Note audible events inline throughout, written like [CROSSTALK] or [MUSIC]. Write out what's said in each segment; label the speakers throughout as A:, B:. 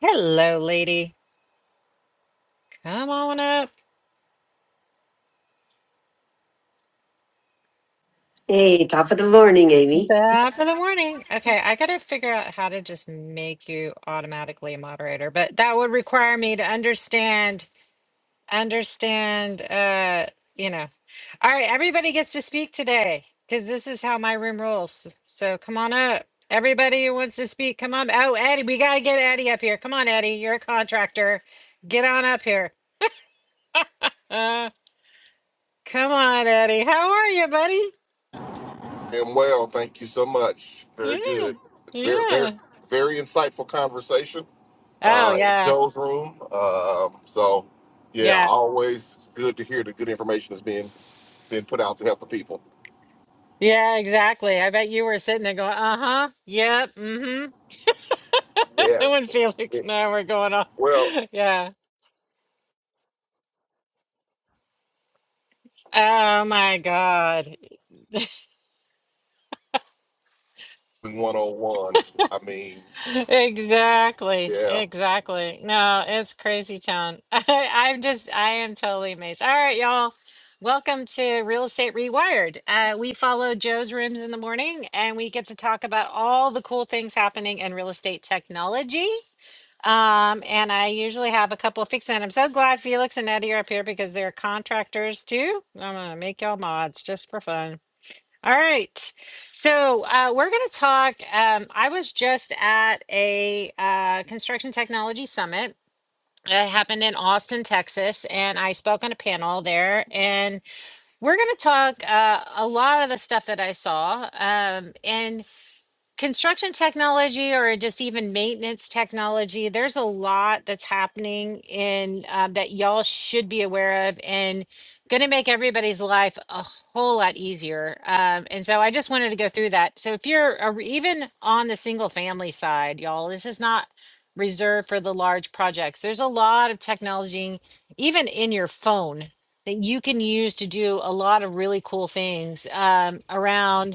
A: Hello, lady. Come on up.
B: Hey, top of the morning, Amy.
A: Top of the morning. Okay, I gotta figure out how to just make you automatically a moderator, but that would require me to understand, understand, uh, you know. All right, everybody gets to speak today because this is how my room rolls. So come on up. Everybody who wants to speak, come on. Oh, Eddie, we gotta get Eddie up here. Come on, Eddie. You're a contractor. Get on up here. Uh, come on, Eddie. How are you, buddy?
C: And well, thank you so much. Very
A: Yeah,
C: good. Very, very,
A: yeah.
C: very insightful conversation
A: Oh
C: uh, in
A: yeah,
C: Joe's room. Um, so, yeah,
A: yeah,
C: always good to hear the good information is being being put out to help the people.
A: yeah, exactly. I bet you were sitting there going, "Uh-huh, yep, mm-hmm." [LAUGHS]
C: Yeah.
A: When Felix
C: it-
A: and I were going on,
C: Well,
A: [LAUGHS] yeah. Oh my God. [LAUGHS]
C: 101. I mean,
A: Exactly,
C: yeah.
A: exactly. No, it's crazy town. [LAUGHS] I, I'm just, I am totally amazed. All right, y'all. Welcome to Real Estate Rewired. Uh, we follow Joe's rooms in the morning and we get to talk about all the cool things happening in real estate technology. Um, and I usually have a couple of fixes, and I'm so glad Felix and Eddie are up here because they're contractors too. I'm gonna make y'all mods just for fun. All right, so uh, we're gonna talk. Um, I was just at a uh, construction technology summit. It happened in Austin, Texas, and I spoke on a panel there. And we're going to talk uh, a lot of the stuff that I saw. Um, and construction technology or just even maintenance technology there's a lot that's happening in uh, that y'all should be aware of and going to make everybody's life a whole lot easier um, and so i just wanted to go through that so if you're a, even on the single family side y'all this is not reserved for the large projects there's a lot of technology even in your phone that you can use to do a lot of really cool things um, around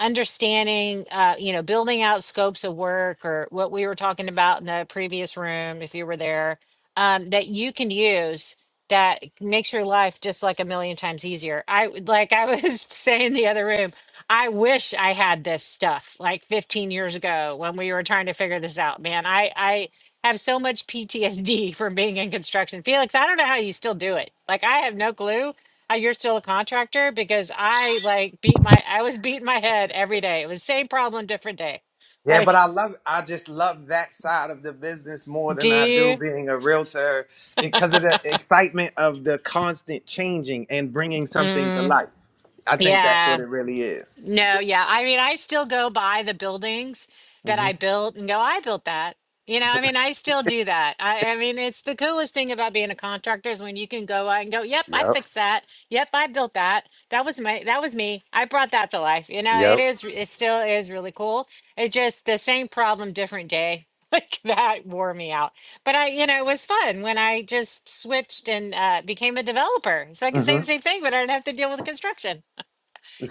A: understanding, uh, you know, building out scopes of work or what we were talking about in the previous room, if you were there, um, that you can use that makes your life just like a million times easier. I would- like I was [LAUGHS] saying in the other room, I wish I had this stuff like 15 years ago when we were trying to figure this out, man. I I have so much PTSD from [LAUGHS] being in construction. Felix, I don't know how you still do it. Like I have no clue uh, You're still a contractor because I like beat my I was beating my head every day. It was same problem, different day.
D: Yeah, but
A: Like,
D: I love I just love that side of the business more
A: do
D: than I do
A: you?
D: being a realtor because of the excitement of the constant changing and bringing something to
A: Mm,
D: life. I think that's
A: yeah.
D: what it really is.
A: No, yeah. I mean, I still go by the buildings that
D: hmm
A: I built and go, I built that. You know, I mean, I still do that. I, I mean, it's the coolest thing about being a contractor is when you can go out and go, yep, I
D: Yep.
A: fixed that. Yep, I built that. That was my, that was me. I brought that to life. You know, it
D: Yep.
A: is, it still is really cool. It just the same problem, different day. [LAUGHS] Like that wore me out. But I, you know, it was fun when I just switched and uh, became a developer. So I could say the same thing, but I didn't have to deal with construction.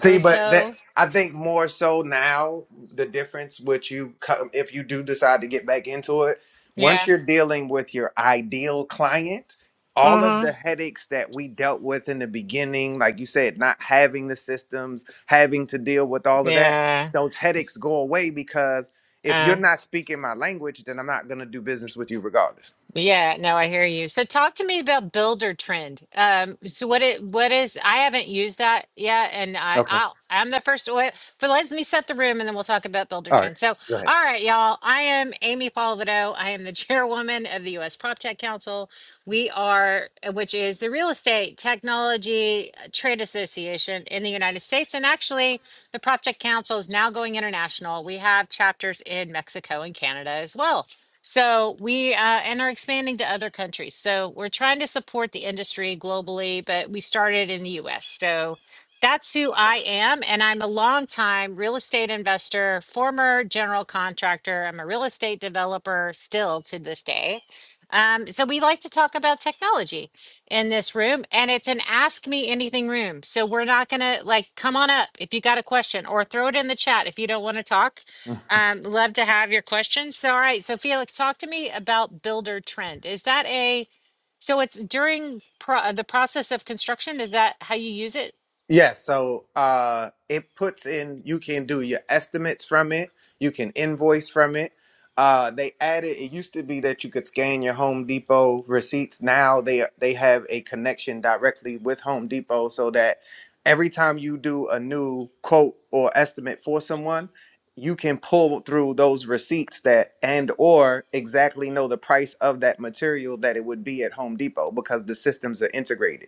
A: It was
D: but that
A: so,
D: I think more so now the difference which you come if you do decide to get back into it, once
A: yeah.
D: you're dealing with your ideal client, all of the
A: Mm-hmm.
D: headaches that we dealt with in the beginning, like you said, not having the systems, having to deal with all of that,
A: Yeah.
D: those headaches go away because if you're
A: Uh,
D: not speaking my language, then I'm not going to do business with you regardless.
A: Yeah, no, I hear you. So talk to me about builder trend. Um, so what it what is I haven't used that yet, and I
D: Okay.
A: I'll, I'm the first oil, but let me set the room, and then we'll talk about builder
D: All right.
A: trend. So
D: Go ahead.
A: all right, y'all, I am Amy Palvido. I am the [LAUGHS] chairwoman of the U.S. PropTech Council. We are, which is the real estate technology uh, trade association in the United States, and actually the PropTech Council is now going international. We have chapters in Mexico and Canada as well. So we uh, and are expanding to other countries. So we're trying to support the industry globally, but we started in the U.S. So that's who I am, and I'm a longtime real estate investor, former general contractor. I'm a real estate developer still to this day. Um, so we like to talk about technology in this room, and it's an ask me anything room. So we're not gonna like come on up if you got a question or throw it in the chat if you don't want to talk um, love to have your questions. So, all right. So, Felix, talk to me about builder trend. Is that a so it's during pro- uh, the process of construction? Is that how you use it?
D: Yeah, so uh, it puts in, you can do your estimates from it, you can invoice from it. Uh, they added, it used to be that you could scan your Home Depot receipts. Now they they have a connection directly with Home Depot so that every time you do a new quote or estimate for someone, you can pull through those receipts that and or exactly know the price of that material that it would be at Home Depot because the systems are integrated.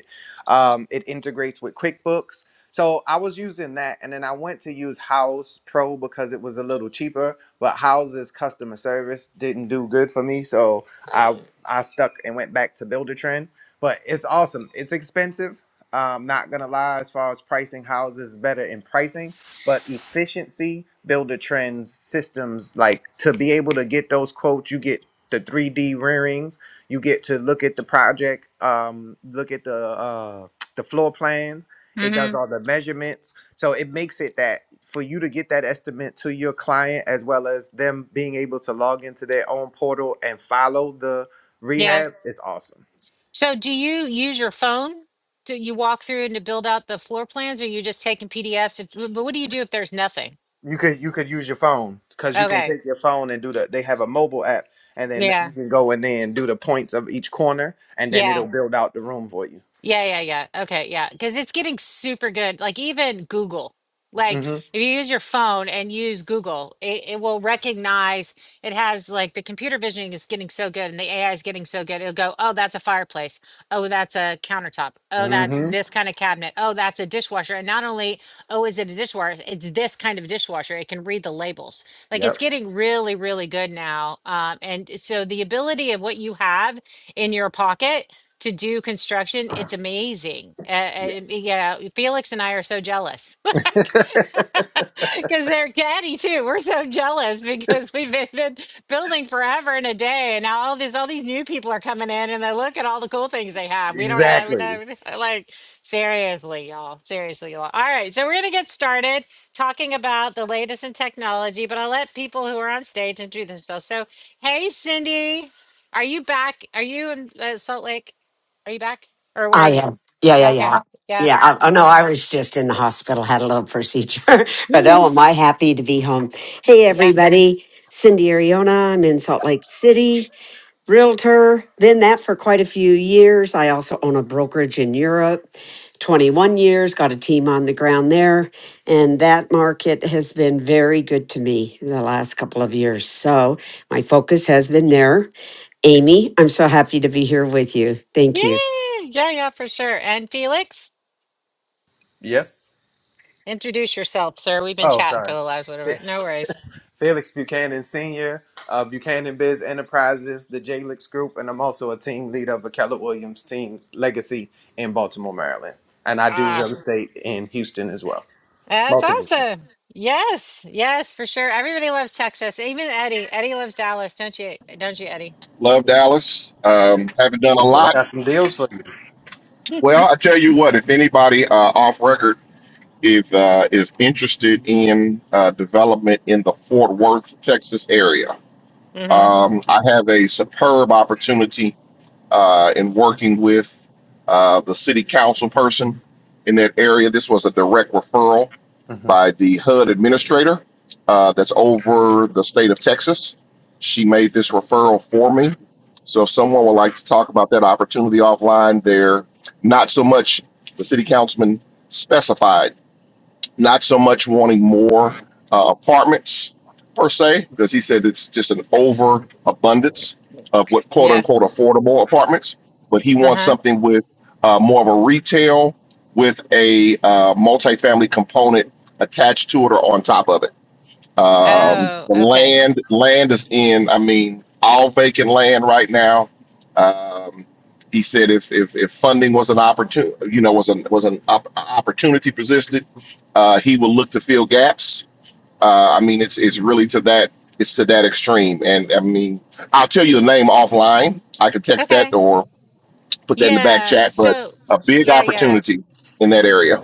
D: Um, it integrates with QuickBooks. So I was using that, and then I went to use House Pro because it was a little cheaper. But House's customer service didn't do good for me, so I I stuck and went back to Builder Trend. But it's awesome. It's expensive. Um, not gonna lie, as far as pricing, House is better in pricing, but efficiency, Builder Trends systems like to be able to get those quotes, you get the 3D renderings. You get to look at the project, um, look at the uh, the floor plans. It
A: hmm
D: does all the measurements, so it makes it that for you to get that estimate to your client, as well as them being able to log into their own portal and follow the
A: Yeah.
D: rehab, It's awesome.
A: So, do you use your phone? Do you walk through and to build out the floor plans, or you just taking PDFs? It- But what do you do if there's nothing?
D: You could you could use your phone because you can
A: Okay.
D: take your phone and do the. They have a mobile app, and then you
A: Yeah.
D: can go in there and do the points of each corner, and then
A: Yeah.
D: it'll build out the room for you.
A: Yeah, yeah, yeah. Okay, yeah. Because it's getting super good. Like even Google. Like
D: Mm-hmm.
A: if you use your phone and use Google, it, it will recognize it has like the computer visioning is getting so good and the AI is getting so good. It'll go, oh, that's a fireplace. Oh, that's a countertop. Oh, that's
D: Mm-hmm.
A: this kind of cabinet. Oh, that's a dishwasher. And not only, oh, is it a dishwasher? It's this kind of dishwasher. It can read the labels. Like it's
D: Yep.
A: getting really, really good now. Um, and so the ability of what you have in your pocket to do construction, it's amazing. Uh, uh,
D: Yeah.
A: yeah, Felix and I are so jealous. [LAUGHS]
D: [LAUGHS]
A: Because they're Caddy too. We're so jealous because we've been, been building forever and a day, and now all these all these new people are coming in, and they look at all the cool things they have. We don't have, we
D: Exactly.
A: don't like seriously, y'all. Seriously, y'all. All right, so we're gonna get started talking about the latest in technology, but I'll let people who are on stage introduce themselves. So, hey, Cindy, are you back? Are you in uh, Salt Lake? Are you back? Or where are
B: I
A: you?
B: am. Yeah, yeah, yeah.
A: Okay. Yeah.
B: Yeah. I, oh, no,
A: Yeah. [LAUGHS]
B: I was just in the hospital, had a little procedure, [LAUGHS] but oh, am
A: Mhm.
B: I happy to be home. Hey,
A: Yeah.
B: everybody. Cindy Ariona. I'm in Salt Lake City. realtor, then that for quite a few years. I also own a brokerage in Europe, 21 years, got a team on the ground there. And that market has been very good to me the last couple of years. So my focus has been there. Amy, I'm so happy to be here with you. Thank
A: Yeah.
B: you.
A: Yeah. Yeah. For sure. And Felix,
D: Yes.
A: introduce yourself, sir. We've been
D: Oh,
A: chatting for
D: sorry.
A: the last whatever.
D: Fe-
A: No worries.
D: [LAUGHS] Felix Buchanan Sr., uh, Buchanan Biz Enterprises, the J-Lix Group, and I'm also a team leader of the Keller Williams Team's Legacy in Baltimore, Maryland. And I do real
A: Awesome.
D: estate in Houston as well.
A: That's
D: Multiple things.
A: awesome. Yes. Yes. For sure. Everybody loves Texas. Even Eddie. Eddie loves Dallas. Don't you? Don't you, Eddie?
C: Love Dallas. Um, haven't done a lot. Well, I tell you what, if anybody uh, off record if uh, is interested in uh, development in the Fort Worth, Texas area,
A: Mm-hmm.
C: Um, I have a superb opportunity uh, in working with uh, the city council person in that area. This was a direct referral
D: hmm
C: by the HUD administrator uh, that's over the state of Texas. She made this referral for me. So if someone would like to talk about that opportunity offline, they're not so much the city councilman specified not so much wanting more uh, apartments per se, because he said it's just an overabundance of what quote
A: Yeah.
C: unquote affordable apartments, but he
A: Uh
C: wants
A: huh.
C: something with uh, more of a retail with a uh, multifamily component attached to it or on top of it. Um,
A: Oh.
C: the
A: Okay.
C: land land is in. I mean, all vacant land right now. Um, he said if if, if funding was an opportunity, you know, was an was an op- opportunity presented, uh, he will look to fill gaps. Uh, I mean, it's it's really to that it's to that extreme. And I mean, I'll tell you the name offline. I could text that
A: Okay.
C: or put that in the back
A: Yeah.
C: chat. But
A: So.
C: a big
A: Yeah. Yeah.
C: opportunity in that area.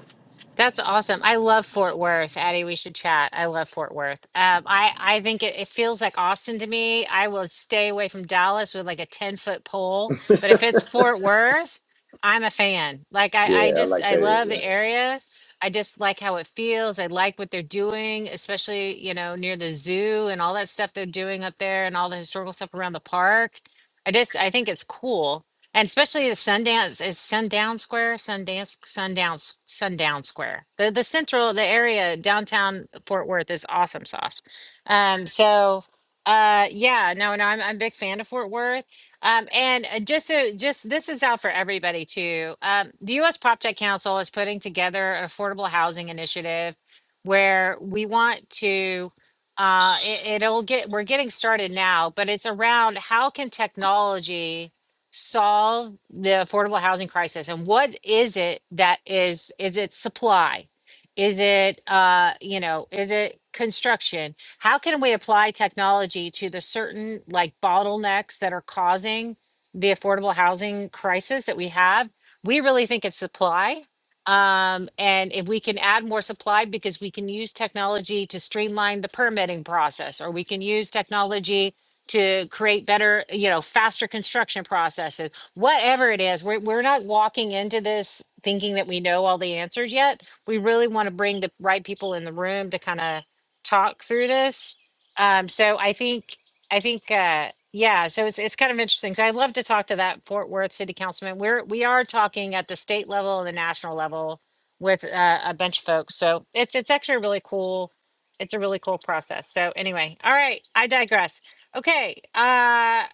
A: That's awesome. I love Fort Worth, Addie. We should chat. I love Fort Worth. Um, I I think it, it feels like Austin to me. I will stay away from Dallas with like a ten foot pole, but if it's Fort Worth, I'm a fan. Like I I
D: Yeah, I
A: just
D: like
A: I
D: that
A: love the area. I just like how it feels. I like what they're doing, especially you know near the zoo and all that stuff they're doing up there and all the historical stuff around the park. I just I think it's cool and especially the Sundance is Sundown Square, Sundance, Sundown, Sundown Square. The the central, the area downtown Fort Worth is awesome sauce. Um, so uh, yeah, no, no, I'm I'm a big fan of Fort Worth. Um, and uh, just so just this is out for everybody too. Um, the U.S. Prop Tech Council is putting together an affordable housing initiative where we want to. Uh, it, it'll get we're getting started now, but it's around how can technology solve the affordable housing crisis and what is it that is is it supply is it uh you know is it construction how can we apply technology to the certain like bottlenecks that are causing the affordable housing crisis that we have we really think it's supply um and if we can add more supply because we can use technology to streamline the permitting process or we can use technology to create better, you know, faster construction processes, whatever it is. We're, we're not walking into this thinking that we know all the answers yet. We really want to bring the right people in the room to kind of talk through this. Um, so I think, I think, uh, yeah, so it's, it's kind of interesting. So I'd love to talk to that Fort Worth city councilman. We're, we are talking at the state level and the national level with uh, a bunch of folks. So it's, it's actually really cool it's a really cool process. So anyway, all right, I digress. Okay. Uh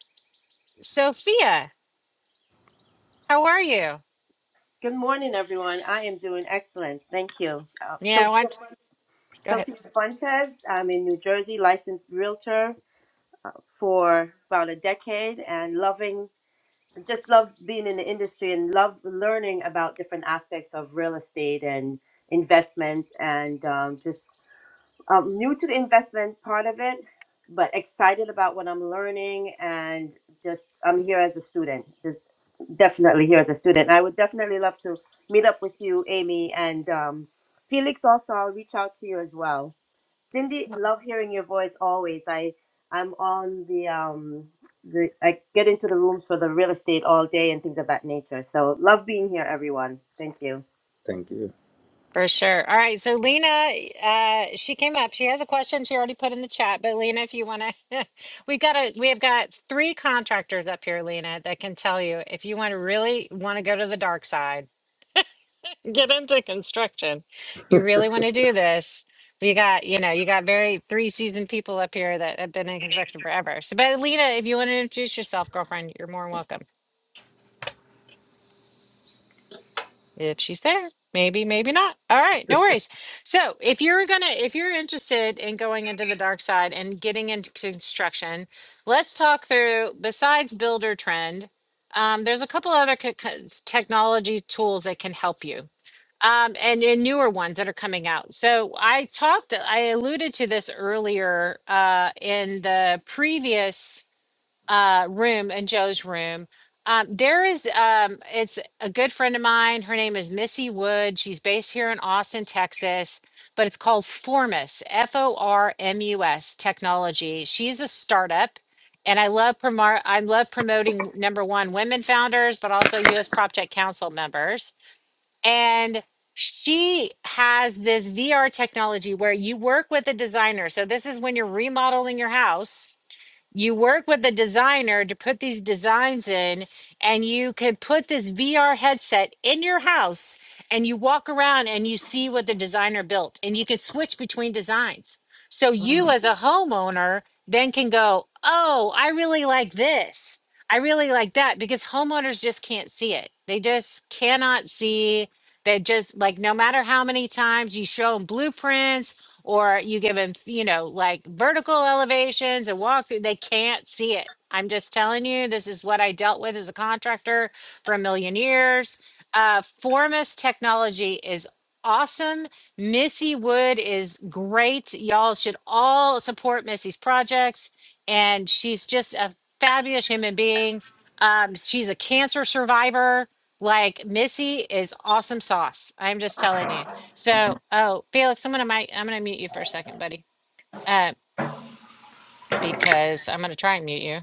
A: Sophia, how are you?
E: Good morning, everyone. I am doing excellent. Thank you. Um,
A: Yeah, I
E: Sophia,
A: want to go ahead.
E: Sophia Fuentes. I'm in New Jersey, licensed realtor for about a decade, and loving just love being in the industry and love learning about different aspects of real estate and investment, and um, just um, new to the investment part of it, but excited about what I'm learning and just I'm here as a student. Just definitely here as a student. I would definitely love to meet up with you, Amy, and um, Felix. Also, I'll reach out to you as well. Cindy, love hearing your voice always. I I'm on the um the I get into the rooms for the real estate all day and things of that nature. So love being here, everyone. Thank you.
A: For sure. All right. So Lena, uh, she came up. She has a question she already put in the chat. But Lena, if you want to, [LAUGHS] we've got a we have got three contractors up here, Lena, that can tell you if you want to really want to go to the dark side, get into construction. You really want to do this. You got, you know, you got very three seasoned people up here that have been in construction forever. So, but Lena, if you want to introduce yourself, girlfriend, you're more than welcome. if she's there maybe maybe not all right no worries so if you're gonna if you're interested in going into the dark side and getting into construction let's talk through besides builder trend um, there's a couple other co- co- technology tools that can help you um, and, and newer ones that are coming out so i talked i alluded to this earlier uh, in the previous uh, room in Joe's room. Um, there is, um, it's a good friend of mine. Her name is Missy Wood. She's based here in Austin, Texas, but it's called Formus, F O R M U S Technology. She's a startup. And I love promo- I love promoting number one women founders, but also U.S. PropTech Council members. And she has this VR technology where you work with a designer. So this is when you're remodeling your house, you work with the designer to put these designs in and you can put this VR headset in your house and you walk around and you see what the designer built and you can switch between designs. So you
D: area.
A: as a homeowner then can go, "Oh, I really like this. I really like that" because homeowners just can't see it. They just cannot see they just like no matter how many times you show them blueprints or you give them, you know, like vertical elevations and walk through, they can't see it. I'm just telling you, this is what I dealt with as a contractor for a million years. Uh, Formus technology is awesome. Missy Wood is great. Y'all should all support Missy's projects. And she's just a fabulous human being. Um, she's a cancer survivor. Like Missy is awesome sauce. I'm just telling you. So, oh, Felix, I'm gonna mi- I'm gonna mute you for a second, buddy. Uh, because I'm gonna try and mute you.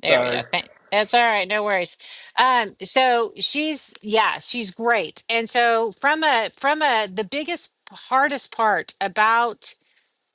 A: There we
D: Sorry.
A: go. Thank. That's all right. No worries. Um, so she's yeah, she's great. And so from a from a the biggest hardest part about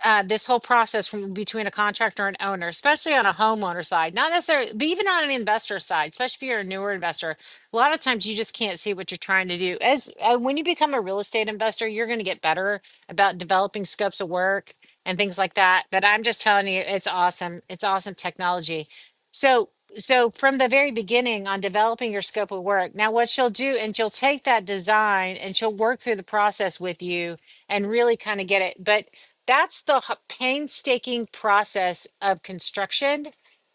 A: uh, this whole process from between a contractor and owner, especially on a homeowner side, not necessarily, but even on an investor side, especially if you're a newer investor, a lot of times you just can't see what you're trying to do. As uh, when you become a real estate investor, you're going to get better about developing scopes of work and things like that. But I'm just telling you, it's awesome. It's awesome technology. So, so from the very beginning on developing your scope of work. Now, what she'll do, and she'll take that design and she'll work through the process with you and really kind of get it. But that's the h- painstaking process of construction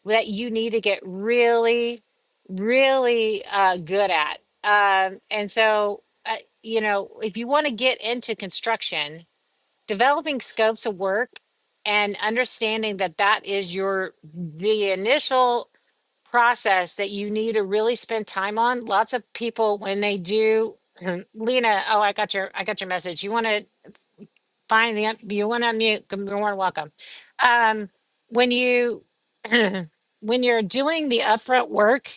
A: that you need to get really really uh, good at um, and so uh, you know if you want to get into construction developing scopes of work and understanding that that is your the initial process that you need to really spend time on lots of people when they do [CLEARS THROAT] lena oh i got your i got your message you want to Fine, the, you want to unmute, good- you're more than welcome. Um, when you, [CLEARS THROAT] when you're doing the upfront work,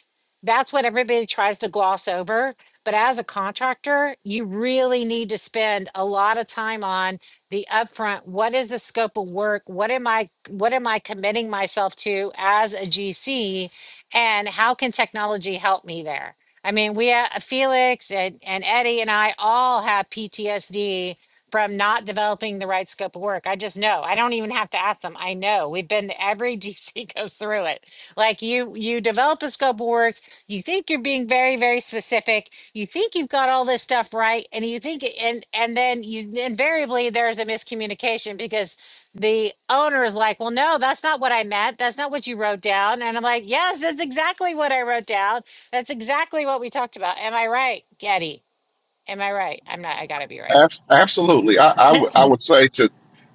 A: that's what everybody tries to gloss over. But as a contractor, you really need to spend a lot of time on the upfront. What is the scope of work? What am I, what am I committing myself to as a GC? And how can technology help me there? I mean, we, ha- Felix and, and Eddie and I all have PTSD from not developing the right scope of work. I just know. I don't even have to ask them. I know. We've been every [LAUGHS] GC goes through it. Like you you develop a scope of work, you think you're being very very specific, you think you've got all this stuff right and you think and and then you invariably there's a miscommunication because the owner is like, "Well, no, that's not what I meant. That's not what you wrote down." And I'm like, "Yes, that's exactly what I wrote down. That's exactly what we talked about. Am I right, Getty? Am I right? I'm not I got to be right."
C: Abs- Absolutely. I,
A: [LAUGHS]
C: I would I would say to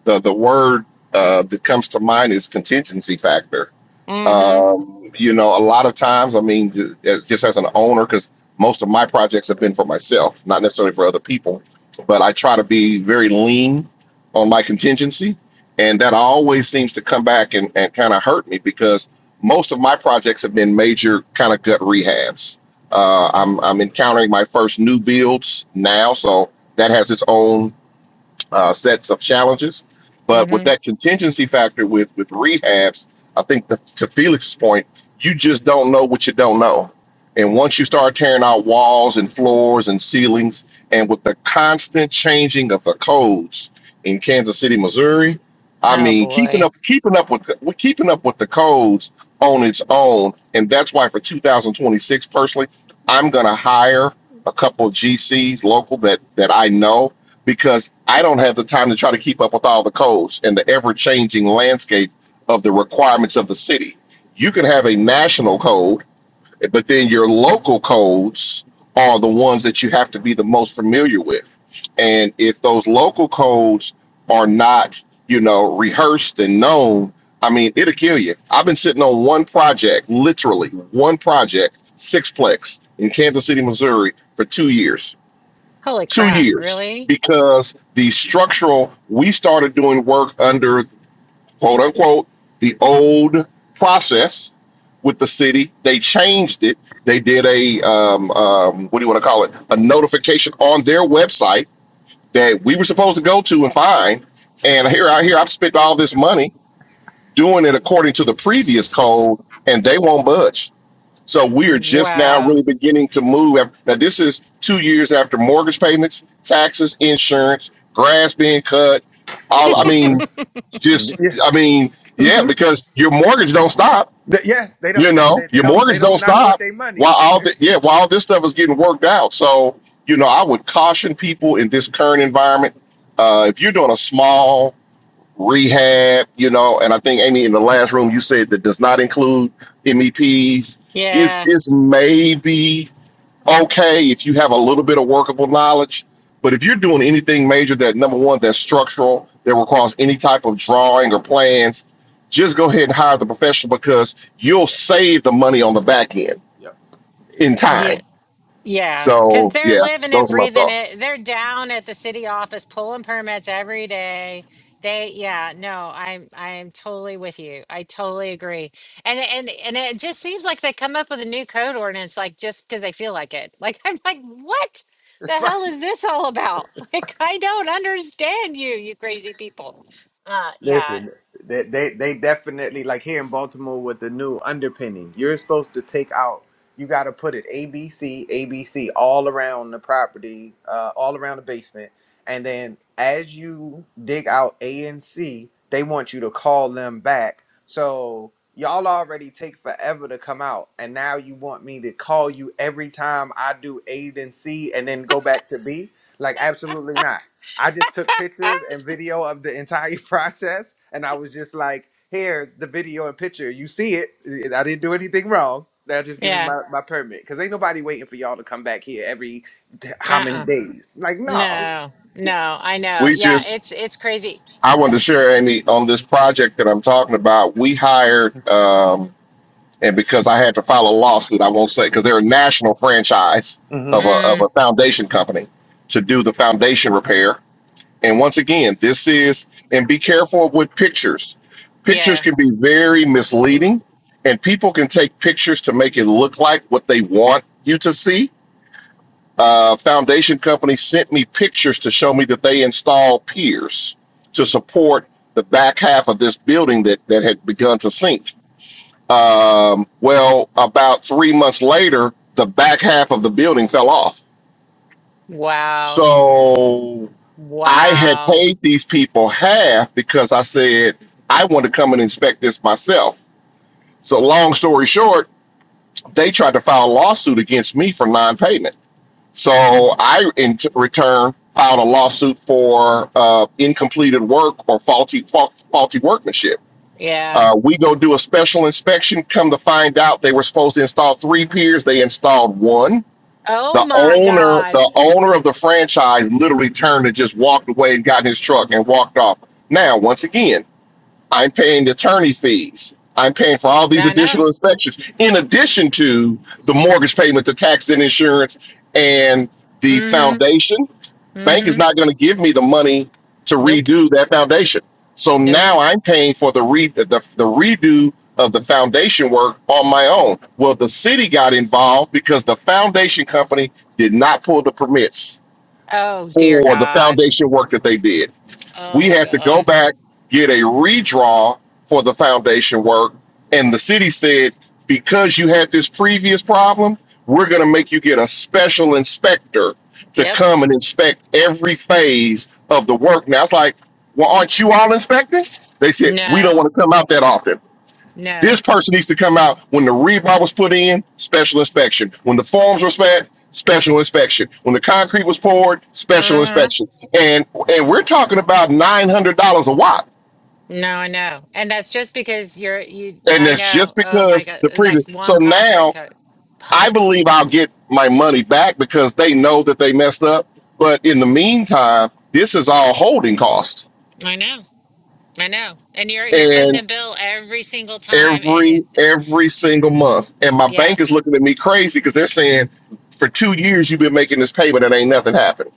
C: the the word uh, that comes to mind is contingency factor.
A: mhm.
C: Um, you know, a lot of times, I mean, ju- as- just as an owner, because most of my projects have been for myself, not necessarily for other people, but I try to be very lean on my contingency. And that always seems to come back and, and kind of hurt me because most of my projects have been major kind of gut rehabs. Uh, I'm, I'm encountering my first new builds now, so that has its own uh, sets of challenges. But with
A: Mm-hmm.
C: that contingency factor with with rehabs, I think the, to Felix's point, you just don't know what you don't know. And once you start tearing out walls and floors and ceilings, and with the constant changing of the codes in Kansas City, Missouri, I
A: Oh
C: mean, keeping
A: boy.
C: up, keeping up with, the- with keeping up with the codes on its own, and that's why for 2026, personally, I'm gonna hire a couple of GCs local that that I know because I don't have the time to try to keep up with all the codes and the ever changing landscape of the requirements of the city. You can have a national code, but then your local codes are the ones that you have to be the most familiar with. And if those local codes are not, you know, rehearsed and known, I mean, it'll kill you. I've been sitting on one project, literally one project, sixplex in Kansas City, Missouri, for two years
A: Holy
C: two
A: crap.
C: years
A: Really?
C: because the structural we started doing work under quote unquote the old process with the city they changed it they did a um, um, what do you want to call it a notification on their website that we were supposed to go to and find and here i here i've spent all this money doing it according to the previous code and they won't budge so we are just now
A: Wow.
C: really beginning to move. af- Now, this is two years after mortgage payments, taxes, insurance, grass being cut. All I
D: Hmm?
C: mean,
A: [LAUGHS]
C: just
D: Yeah.
C: I mean, yeah,
D: hmm
C: because your mortgage don't stop.
D: Yeah, they don't.
C: You
D: They,
C: know,
D: they
C: your
D: don't. They
C: mortgage
D: don't
C: don't
D: not want
C: stop
D: their money.
C: while all the yeah while all this stuff is getting worked out. So you know, I would caution people in this current environment. Uh, if you're doing a small rehab, you know, and I think Amy in the last room you said that does not include MEPs. It's
A: Yeah.
C: it's maybe okay if you have a little bit of workable knowledge, but if you're doing anything major that number one that's structural that requires any type of drawing or plans, just go ahead and hire the professional because you'll
D: Yep.
C: save the money on the back end
D: Yep. It
C: in
A: Yeah.
C: time.
A: Yeah. Because
C: So
A: they're
C: yeah,
A: living it,
C: those are my
A: breathing
C: thoughts.
A: it. They're down at the city office pulling permits every day. They, yeah, no, I'm, I am totally with you. I totally agree. And, and, and it just seems like they come up with a new code ordinance, like just because they feel like it. Like, [LAUGHS] I'm like, what the
D: is. [LAUGHS]
A: hell is this all about? [LAUGHS] Like, I don't understand you, you crazy people. Uh, yeah.
D: Listen, they, they they definitely like here in Baltimore with the new underpinning. You're supposed to take out. You got to put it A B C A B C all around the property, uh, all around the basement, and then as you dig out A and C, they want you to call them back. So y'all already take forever to come out, and now you want me to call you every time I do A and C, and then go back to B? Like absolutely not. I just took pictures and video of the entire [LAUGHS] process, and I was just like, "Here's the video and picture. You see it. Eh, I didn't do anything wrong. Now just give me
A: yeah.
D: my, my permit, because ain't nobody waiting for y'all to come back here every t- how many
A: Uh-uh.
D: days? Like, no.
A: No, no, I know.
C: We
A: Yeah,
C: just
A: it's it's crazy.
C: I wanted to share Amy on this project that I'm talking about. We hired um, and because I had to file a lawsuit, I won't say because they're a national franchise of a of
A: Mm,
C: a foundation company to do the foundation repair. And once again, this is and be careful with pictures. Pictures
A: yeah.
C: can be very misleading, and people can take pictures to make it look like what they want you to see. Uh, foundation company sent me pictures to show me that they installed piers to support the back half of this building that that had begun to sink um, well, about three months later, the back half of the building fell off.
A: Wow.
C: So I had
A: Wow.
C: paid these people half because I said I want to come and inspect this myself. So, long story short, they tried to file a lawsuit against me for non payment. So,
A: Mm,
C: I in t- return filed a lawsuit for uh, incompleted work or faulty, fa- faulty workmanship.
A: Yeah.
C: Uh, we go do a special inspection. Come to find out, they were supposed to install three piers. They installed one.
A: Oh
C: The
A: my
C: owner,
A: God.
C: the owner of the franchise, literally turned and just walked away and got in his truck and walked off. Now, once again, I'm paying the attorney fees. I'm paying for all these
A: I
C: additional
A: know.
C: inspections, in addition to the mortgage payment, the taxes and insurance, and the
A: Mm-hmm.
C: foundation bank is
A: Mm-hmm.
C: not going to give me the money to
A: Nope.
C: redo that foundation. So
A: Nope.
C: now I'm paying for the re the, the redo of the foundation work on my own. Well, the city got involved because the foundation company did not pull the permits
A: Oh dear
C: for the
A: God.
C: foundation work that they did
A: Oh
C: we
A: my
C: had to go
A: God.
C: back get a redraw for the foundation work and the city said because you had this previous problem we're going to make you get a special inspector to
A: Yep.
C: come and inspect every phase of the work now it's like well aren't you all inspecting they said we don't
A: No.
C: want to come out that often this
A: No.
C: person needs to come out when the rebar was put in, special inspection. When the forms were spat, special inspection. When the concrete was poured, special
A: Uh-huh.
C: inspection. And and we're talking about nine hundred dollars a watt,
A: No, I know. And that's just because you're you
C: and
A: I
C: that's just
A: know. Oh my
C: because
A: God.
C: the
A: That
C: previous. So
A: one contract
C: now
A: cut.
C: I
A: Fuck.
C: believe I'll get my money back because they know that they messed up. But in the meantime, this is all holding costs.
A: I know. I know. And you're you're footing the bill every single time and
C: every
A: it
C: every single month. And my
A: yeah,
C: bank is looking at me crazy because they're saying for two years you've been making this payment and ain't nothing happened.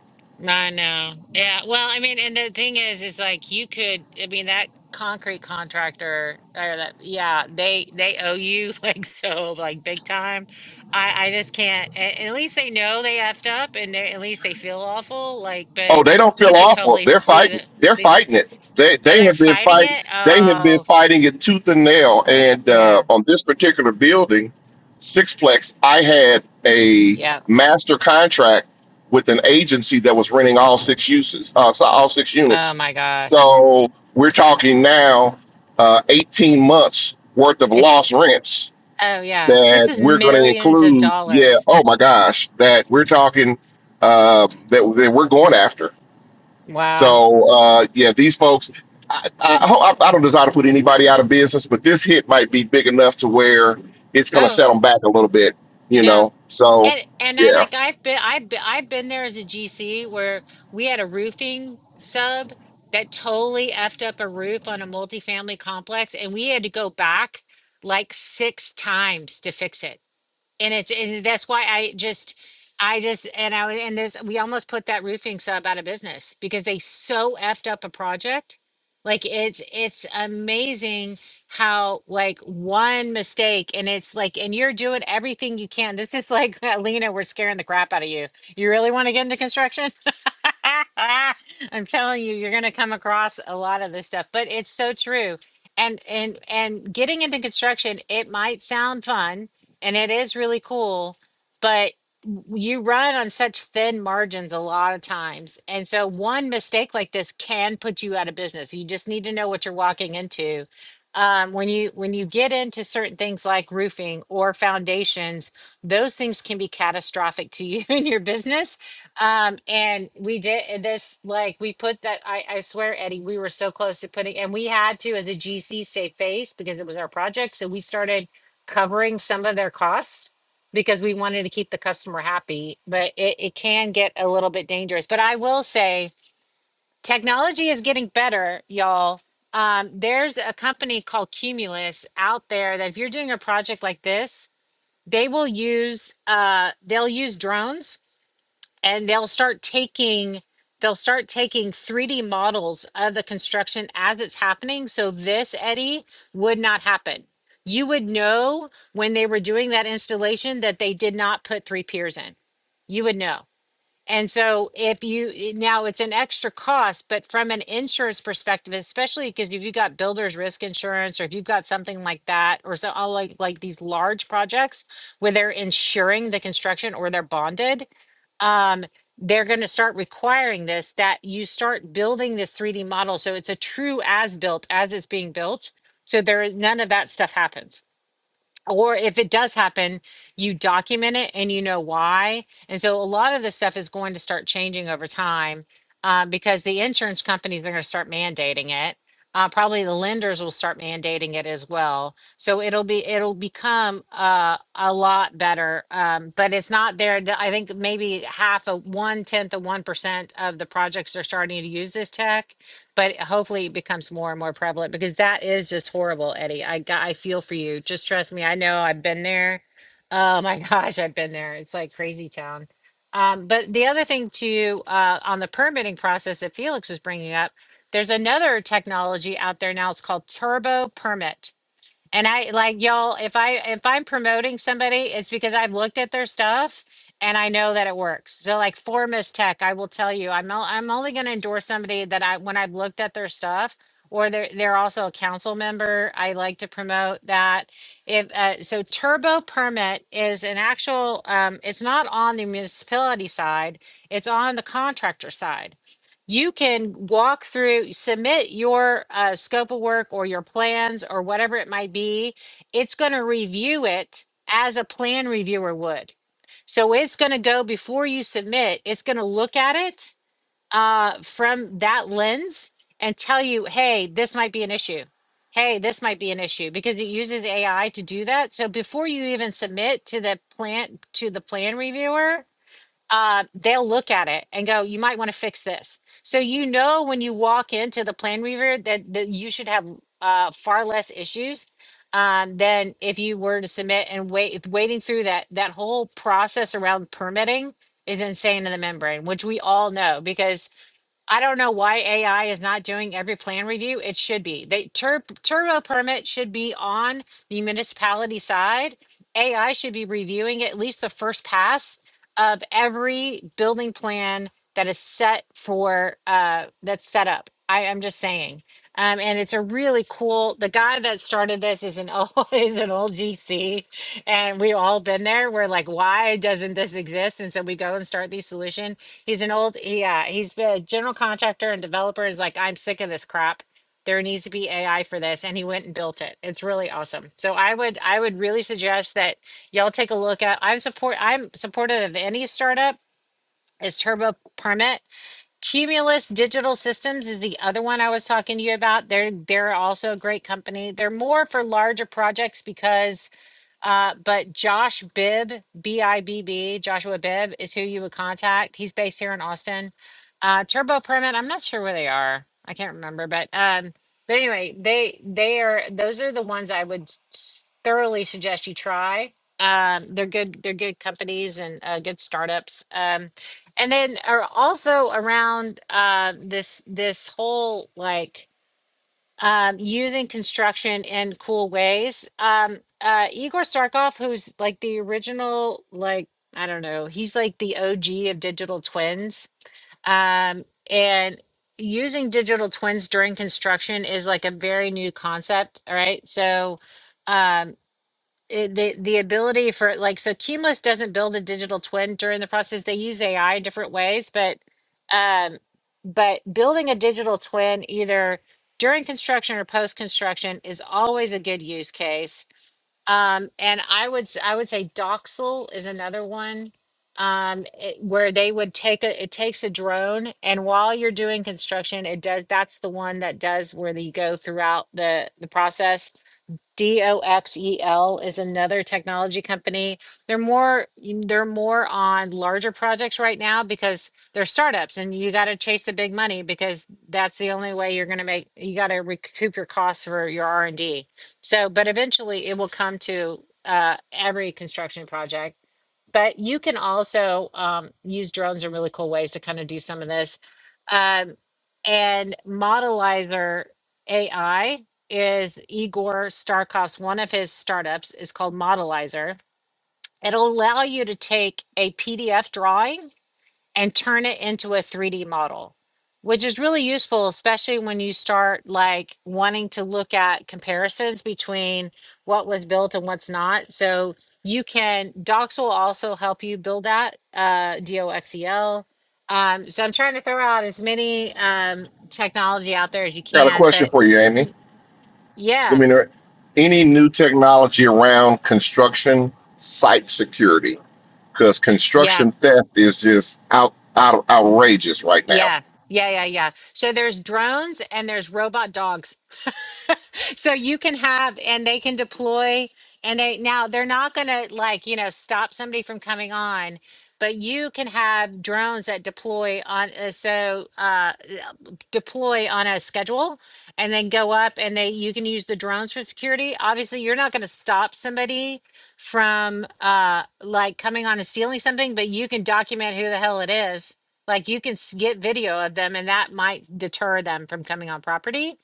A: I know. Yeah. Well, I mean, and the thing is is like you could I mean that concrete contractor or that yeah, they they owe you [LAUGHS] like so like big time. I I just can't a- and at least they know they effed up and they at least they feel awful like
C: Oh,
A: but
C: they don't feel
A: you could
C: awful.
A: totally
C: They're
A: sue
C: fighting.
A: the,
C: They're
A: the
C: fighting it. They
A: oh
C: they
A: they're
C: have been
A: fighting
C: fighting.
A: it.
C: They have been
A: Oh,
C: fighting it tooth and nail. And uh,
A: yeah.
C: on this particular building, Sixplex, I had a
A: Yeah.
C: master contract with an agency that was renting all six uses, uh, so all six
A: Oh
C: units.
A: my gosh.
C: So we're talking now, uh, eighteen months worth of
A: it's.
C: lost rents
A: Oh yeah. This
C: that
A: is
C: we're going to
A: millions of
C: include. Yeah.
A: dollars.
C: Oh my gosh, that we're talking uh, that that we're going after.
A: Wow.
C: So uh, yeah, these folks, I, I, hope- I I don't desire to put anybody out of business, but this hit might be big enough to where it's going to
A: Oh,
C: set them back a little bit, you
A: no.
C: know. So
A: And and I
C: yeah,
A: like I've been I've been, I've been there as a GC where we had a roofing sub that totally effed up a roof on a multifamily complex and we had to go back like six times to fix it. and it's and that's why I just I just and I and this we almost put that roofing sub out of business because they so effed up a project. Like it's it's amazing how like one mistake and it's like and you're doing everything you can. This is like [LAUGHS] Lena, we're scaring the crap out of you. You really want to get into construction? [LAUGHS] I'm telling you, you're gonna come across a lot of this stuff, but it's so true. And and and getting into construction, it might sound fun, and it is really cool, but you run on such thin margins a lot of times. And so one mistake like this can put you out of business. You just need to know what you're walking into. Um, when you when you get into certain things like roofing or foundations, those things can be catastrophic to you [LAUGHS] and your business. Um, and we did this like we put that. I, I swear, Eddie, we were so close to putting, and we had to as a GC save face because it was our project. So we started covering some of their costs because we wanted to keep the customer happy, but it, it can get a little bit dangerous. But I will say technology is getting better, y'all. Um, there's a company called Cumulus out there that if you're doing a project like this, they will use uh, they'll use drones and they'll start taking they'll start taking 3D models of the construction as it's happening. So this, Eddie, would not happen. You would know when they were doing that installation that they did not put three piers in. You would know. And so if you now it's an extra cost, but from an insurance perspective, especially because if you've got builders risk insurance or if you've got something like that, or so all like like these large projects where they're insuring the construction or they're bonded, um, they're going to start requiring this that you start building this 3D model. So it's a true as built as it's being built. So there, none of that stuff happens or if it does happen, you document it and you know why. And so a lot of this stuff is going to start changing over time uh, because the insurance companies are going to start mandating it. Uh, probably the lenders will start mandating it as well. So it'll be it'll become uh, a lot better, um, but it's not there. The- I think maybe half of one tenth of one percent of the projects are starting to use this tech but hopefully it becomes more and more prevalent because that is just horrible, Eddie. I got, I feel for you. Just trust me. I know I've been there. Oh my [LAUGHS] gosh, I've been there. It's like crazy town. Um, but the other thing too, uh, on the permitting process that Felix was bringing up, there's another technology out there now. It's called Turbo Permit and I like y'all, if I if I'm promoting somebody, it's because I've looked at their stuff and I know that it works. So like for Miss Tech, I will tell you, I'm o- I'm only going to endorse somebody that I when I've looked at their stuff or they're they're also a council member. I like to promote that. If uh, so, Turbo Permit is an actual. Um, it's not on the municipality side. It's on the contractor side you can walk through, submit your uh, scope of work or your plans or whatever it might be. It's going to review it as a plan reviewer would. So it's going to go before you submit, it's going to look at it uh, from that lens and tell you, hey, this might be an issue. Hey, this might be an issue because it uses AI to do that. So before you even submit to the plan to the plan reviewer, uh, they'll look at it and go, you might want to fix this. So you know when you walk into the plan reviewer that, that you should have uh, far less issues um, than if you were to submit and wait waiting through that that whole process around permitting is insane in the membrane, which we all know because I don't know why AI is not doing every plan review. It should be. They tur- turbo permit should be on the municipality side. AI should be reviewing at least the first pass of every building plan that is set for uh, that's set up. I am just saying, um, and it's a really cool. The guy that started this is an old [LAUGHS] is an old GC, and we've all been there. We're like, why doesn't this exist? And so we go and start these solutions He's an old, yeah, he's been a general contractor and developer is like, I'm sick of this crap. There needs to be AI for this. And he went and built it. It's really awesome. So I would, I would really suggest that y'all take a look at, I'm support, I'm supportive of any startup is Turbo Permit. Cumulus Digital Systems is the other one I was talking to you about. They're, they're also a great company. They're more for larger projects because uh, but Josh Bibb, B I B B, Joshua Bibb is who you would contact. He's based here in Austin. Uh, Turbo Permit, I'm not sure where they are. I can't remember, but um, but anyway, they they are those are the ones I would s- thoroughly suggest you try. Um, they're good. They're good companies and uh, good startups. Um, and then are also around uh, this this whole like um, using construction in cool ways. Um, uh, Igor Starkov, who's like the original, like, I don't know, he's like the OG of digital twins. Um, and using digital twins during construction is like a very new concept. All right. So, um, it, the the ability for like so Cumulus doesn't build a digital twin during the process. They use AI in different ways, but um, but building a digital twin either during construction or post construction is always a good use case. Um, and I would s- I would say Doxel is another one um, it- where they would take a it takes a drone and while you're doing construction it does that's the one that does where you go throughout the the process DOXEL is another technology company. They're more they're more on larger projects right now because they're startups and you got to chase the big money because that's the only way you're going to make you got to recoup your costs for your R&D. So, but eventually it will come to uh, every construction project but you can also um, use drones in really cool ways to kind of do some of this. Um, and Modelizer AI is Igor Starkov's one of his startups is called Modelizer. It'll allow you to take a PDF drawing and turn it into a 3D model, which is really useful, especially when you start like wanting to look at comparisons between what was built and what's not. So you can, Docs will also help you build that, uh, DOXEL. Um, so I'm trying to throw out as many um, technology out there as you
C: got a
A: can,
C: question
A: but
C: for you, Amy. Let
A: yeah,
C: me know any new technology around construction site security because
A: yeah,
C: construction theft is just out, out outrageous right now.
A: yeah, yeah, yeah, yeah. So there's drones and there's robot dogs so you can have and they can deploy and they now they're not going to like you know stop somebody from coming on but you can have drones that deploy on uh, so uh, deploy on a schedule and then go up and they you can use the drones for security obviously you're not going to stop somebody from uh like coming on and stealing something but you can document who the hell it is like you can s- get video of them and that might deter them from coming on property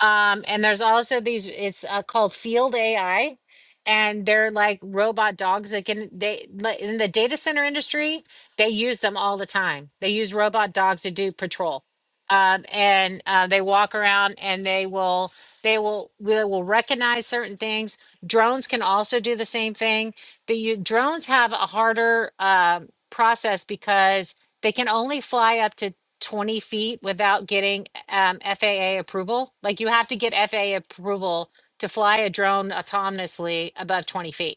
A: um, and there's also these, it's uh, called Field AI. And they're like robot dogs that can, they, like, in the data center industry, they use them all the time. They use robot dogs to do patrol. Um, and uh, they walk around and they will, they will, they will recognize certain things. Drones can also do the same thing. The you, drones have a harder um process because they can only fly up to 20 feet without getting um, FAA approval? Like you have to get FAA approval to fly a drone autonomously above 20 feet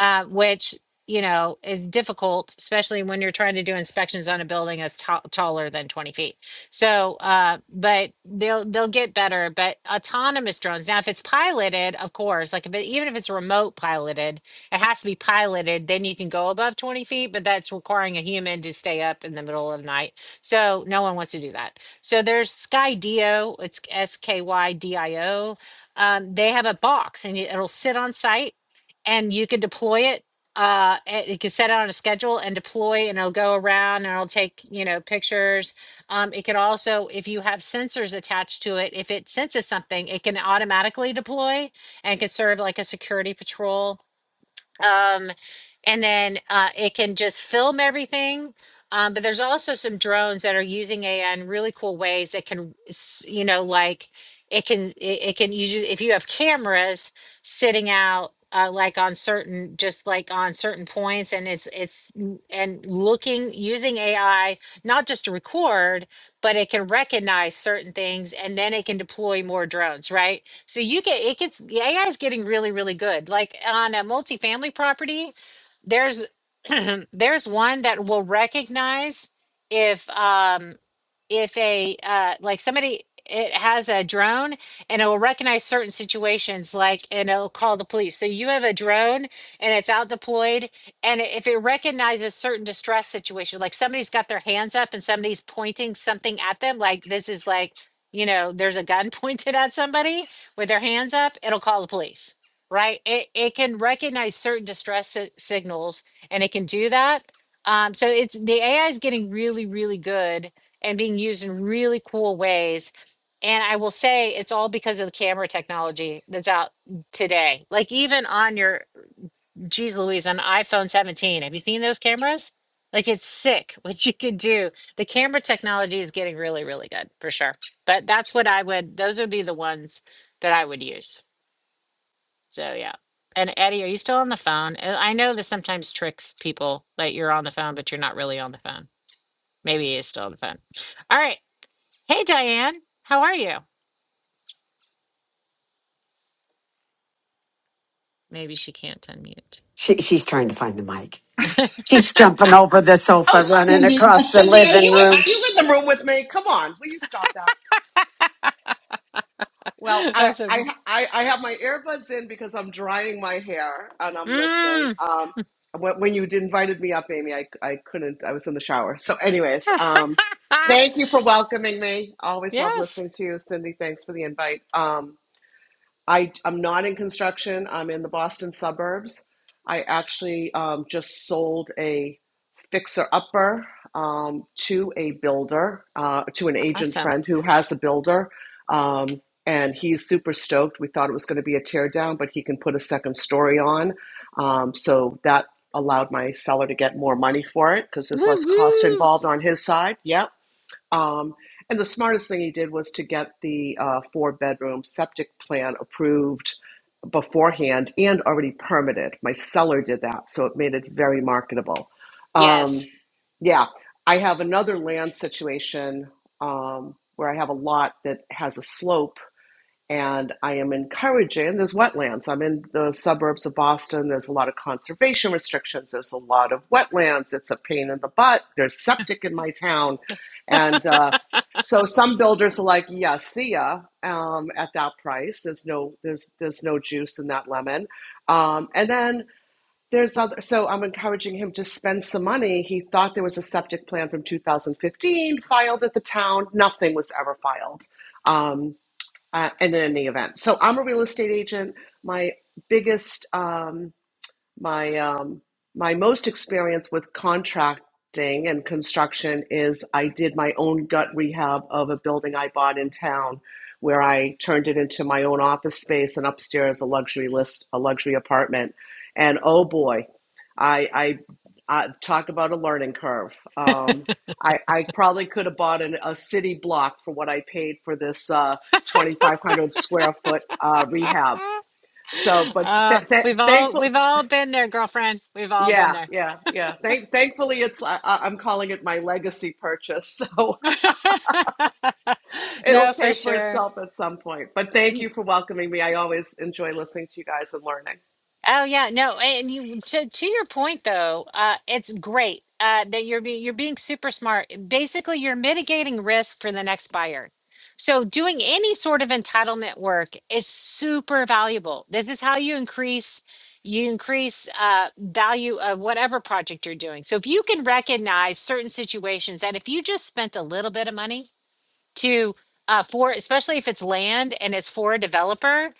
A: uh, which you know is difficult, especially when you're trying to do inspections on a building that's ta- taller than 20 feet. So, uh, but they'll they'll get better. But autonomous drones now, if it's piloted, of course, like if it, even if it's remote piloted, it has to be piloted. Then you can go above 20 feet, but that's requiring a human to stay up in the middle of the night. So no one wants to do that. So there's Skydio. It's S K Y D I O. Um, they have a box and it- it'll sit on site and you can deploy it. Uh, eh, you can set it on a schedule and deploy, and it'll go around and it'll take you know pictures. Um, it can also, if you have sensors attached to it, if it senses something, it can automatically deploy and can serve like a security patrol um, and then uh, it can just film everything. Um, but there's also some drones that are using AI in really cool ways that can, s- you know, like it can it, it can use if you have cameras sitting out. Uh, like on certain just like on certain points and it's it's n- and looking using ai not just to record but it can recognize certain things and then it can deploy more drones right so you get it gets the AI is getting really really good. Like on a multifamily property, there's [CLEARS THROAT] there's one that will recognize if um if a uh, like somebody it has a drone and it will recognize certain situations like and it'll call the police so you have a drone and it's out deployed and if it recognizes certain distress situation like somebody's got their hands up and somebody's pointing something at them like this is like you know there's a gun [LAUGHS] pointed at somebody with their hands up it'll call the police right it, it can recognize certain distress si- signals and it can do that um, so it's the ai is getting really really good and being used in really cool ways. And I will say it's all because of the camera technology that's out today. Like even on your geez Louise, on iPhone 17. Have you seen those cameras? Like it's sick [LAUGHS] what you can do. The camera technology is getting really, really good for sure. But that's what I would those would be the ones that I would use. So yeah. And Eddie, are you still on the phone? Uh, I know this sometimes tricks people that you're on the phone, but you're not really on the phone. Maybe he is still on the phone. All right. Hey, Diane, how are you? Maybe she can't unmute.
B: She, she's trying to find the mic. She's jumping over the
F: Oh,
B: sofa, running
F: Cindy, uh,
B: across the
F: Cindy, are
B: living
F: you are
B: room.
F: you in the room with me? Come on, will you stop that? Well,
A: [LAUGHS]
F: I
A: That's a
F: I I, I have my earbuds in because I'm drying my hair and I'm listening.
A: mm.
F: Um, when, when you invited me up, Amy, I I couldn't. I was in the shower. So, anyways, um, thank you for welcoming me.
A: [LAUGHS]
F: Always love
A: yes,
F: listening to you, Cindy. Thanks for the invite. Um, I I'm not in construction. I'm in the Boston suburbs. I actually um, just sold a. fixer upper um, to a builder, uh, to an agent
A: awesome.
F: friend who has a builder. Um, and he's super stoked. We thought it was going to be a teardown, but he can put a second story on. Um, so that allowed my seller to get more money for it because there's
A: Woo
F: less cost
A: woo.
F: involved on his side. Yep. Um, and the smartest thing he did was to get the uh, four bedroom septic plan approved beforehand and already permitted. My seller did that, so it made it very marketable. Um,
A: Yes.
F: yeah, I have another land situation um, where I have a lot that has a slope and I am encouraging. There's wetlands. I'm in the suburbs of Boston. There's a lot of conservation restrictions. There's a lot of wetlands. It's a pain in the butt. There's septic in my town, and
A: [LAUGHS]
F: uh, so some builders are like, "Yeah, see ya." Um, at that price, there's no there's there's no juice in that lemon. Um, and then there's other. So I'm encouraging him to spend some money. He thought there was a septic plan from 2015 filed at the town. Nothing was ever filed. Um, uh, and in any event. So I'm a real estate agent. My biggest um, my um my most experience with contracting and construction is I did my own gut rehab of a building I bought in town where I turned it into my own office space and upstairs a luxury list a luxury apartment and oh boy I I, I talk about a learning curve um I, I probably could have bought an, a city block for what I paid for this uh, 2,500 square foot uh, rehab. So, but
A: uh,
F: th- th-
A: we've all
F: thankful,
A: we've all been there, girlfriend. We've all been
F: yeah,
A: there.
F: yeah, yeah. Thank, thankfully, it's I, I- I'm calling it my legacy purchase, [LAUGHS] so
A: [LAUGHS]
F: it'll
A: no, for
F: pay for
A: sure.
F: itself at some point. But thank you for welcoming me. I always enjoy listening to you guys and learning.
A: Oh yeah, no, and you to to your point though, uh, it's great uh, that you're being you're being super smart. Basically, you're mitigating risk for the next buyer. So doing any sort of entitlement work is super valuable. This is how you increase you increase uh, value of whatever project you're doing. So if you can recognize certain situations that if you just spent a little bit of money to uh, for especially if it's land and it's for a developer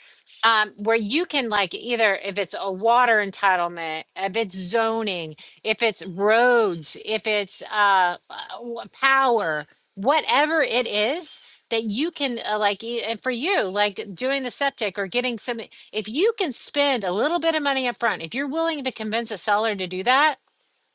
A: um, where you can like either if it's a water entitlement if it's zoning if it's roads if it's uh, uh, w- power whatever it is that you can uh, like e- and for you like doing the septic or getting some if you can spend a little bit of money up front if you're willing to convince a seller to do that